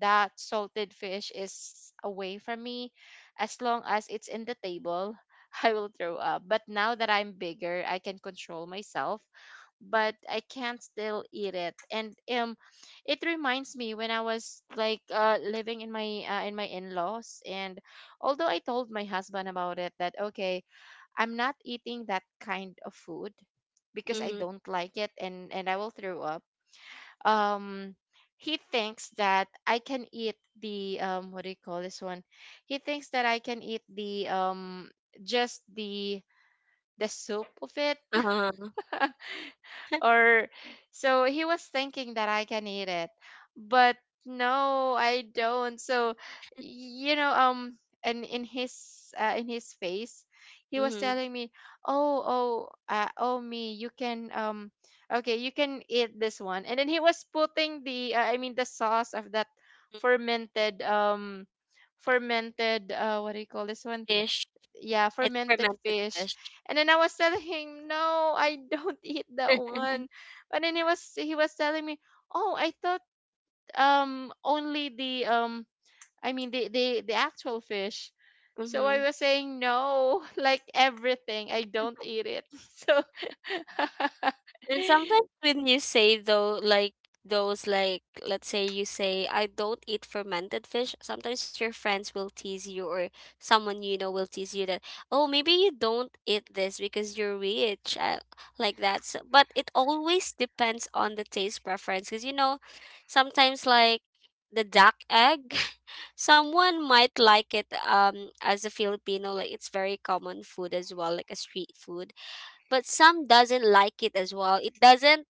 [SPEAKER 1] that salted fish is away from me. As long as it's in the table, I will throw up. But now that I'm bigger, I can control myself, but I can't still eat it. And it reminds me when I was like living in my in-laws, and although I told my husband about it, that okay, I'm not eating that kind of food because I
[SPEAKER 2] Mm-hmm.
[SPEAKER 1] don't like it, and I will throw up. um he thinks that I can eat the what do you call this one? He thinks that I can eat the just the soup of it,
[SPEAKER 2] Uh-huh.
[SPEAKER 1] or so he was thinking that I can eat it. But no, I don't. So you know, and in his face, he was
[SPEAKER 2] Mm-hmm.
[SPEAKER 1] telling me, "Oh, oh, oh me, you can okay, you can eat this one." And then he was putting the I mean the sauce of that fermented fermented what do you call this one?
[SPEAKER 2] Fish.
[SPEAKER 1] Yeah,
[SPEAKER 2] It's
[SPEAKER 1] fermented
[SPEAKER 2] fermented
[SPEAKER 1] fish.
[SPEAKER 2] fish.
[SPEAKER 1] And then I was telling him, "No, I don't eat that one." But then he was telling me, "Oh, I thought only the I mean the actual fish." So I
[SPEAKER 2] Mm-hmm.
[SPEAKER 1] was saying, "No, like everything, I don't eat it." So
[SPEAKER 2] And sometimes when you say though, like those, like let's say you say I don't eat fermented fish, sometimes your friends will tease you or someone you know will tease you that, oh, maybe you don't eat this because you're rich, like that. So, but it always depends on the taste preference because you know, sometimes like the duck egg, someone might like it as a Filipino, like it's very common food as well, like a street food, but some doesn't like it as well. It doesn't,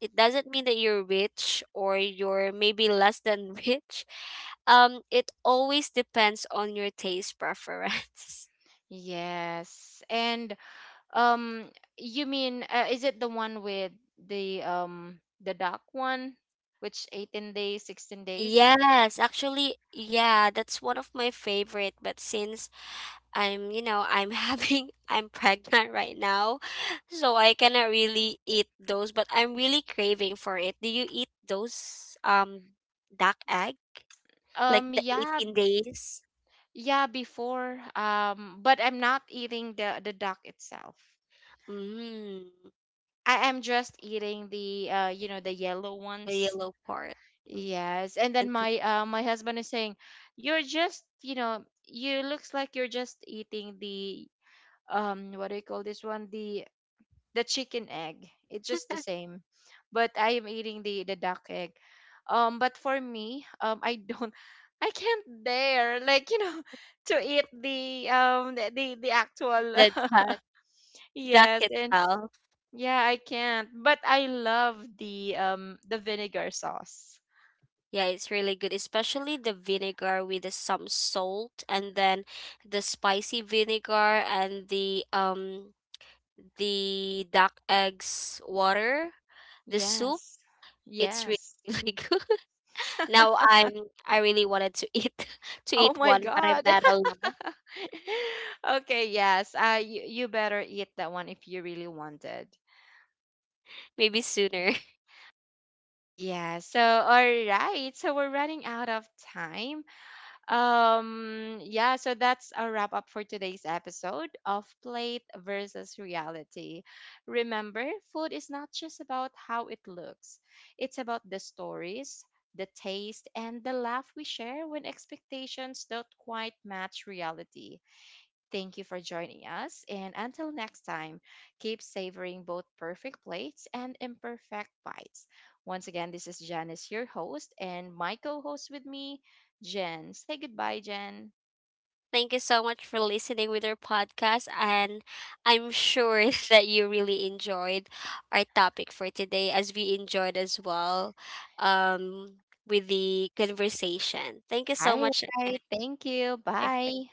[SPEAKER 2] it doesn't mean that you're rich or you're maybe less than rich. It always depends on your taste preference.
[SPEAKER 1] yes. And um you mean is it the one with the duck one, which 18 days, 16 days?
[SPEAKER 2] Yes, actually, yeah, that's one of my favorite, but since I'm, you know, I'm having I'm pregnant right now, so I cannot really eat those, but I'm really craving for it. Do you eat those, um, duck egg, like the
[SPEAKER 1] Yeah,
[SPEAKER 2] 18 days?
[SPEAKER 1] yeah, before. But I'm not eating the duck itself.
[SPEAKER 2] Mm.
[SPEAKER 1] I am just eating the you know, the yellow
[SPEAKER 2] The
[SPEAKER 1] ones.
[SPEAKER 2] yellow part. Mm.
[SPEAKER 1] Yes, and
[SPEAKER 2] And
[SPEAKER 1] then my my husband is saying, "You're just, you know, you looks like you're just eating the what do you call this one? The chicken egg. It's just the same, but I am eating the duck egg. But for me, I don't, I can't dare, like, you know, to eat the actual
[SPEAKER 2] the duck, duck
[SPEAKER 1] yes, and
[SPEAKER 2] itself.
[SPEAKER 1] yeah, I can't. But I love the vinegar sauce.
[SPEAKER 2] Yeah, it's really good, especially the vinegar with the, some salt, and then the spicy vinegar and the duck eggs water, the soup.
[SPEAKER 1] Yes,
[SPEAKER 2] It's really,
[SPEAKER 1] yes.
[SPEAKER 2] really good. Now I really wanted to eat to
[SPEAKER 1] Oh
[SPEAKER 2] eat
[SPEAKER 1] my
[SPEAKER 2] one, but I'm
[SPEAKER 1] God.
[SPEAKER 2] not allowed.
[SPEAKER 1] Okay, yes. You, you better eat that one if you really wanted.
[SPEAKER 2] Maybe sooner.
[SPEAKER 1] Yeah, so all right. So we're running out of time. Yeah, so that's a wrap up for today's episode of Plate versus Reality. Remember, food is not just about how it looks. It's about the stories, the taste, and the laugh we share when expectations don't quite match reality. Thank you for joining us. And until next time, keep savoring both perfect plates and imperfect bites. Once again, this is Janice, your host, and my co host with me, Jen. Say goodbye, Jen.
[SPEAKER 2] Thank you so much for listening with our podcast. And I'm sure that you really enjoyed our topic for today, as we enjoyed as well, um, with the conversation. Thank you so
[SPEAKER 1] All
[SPEAKER 2] much.
[SPEAKER 1] right. Thank you.
[SPEAKER 2] Again.
[SPEAKER 1] Bye.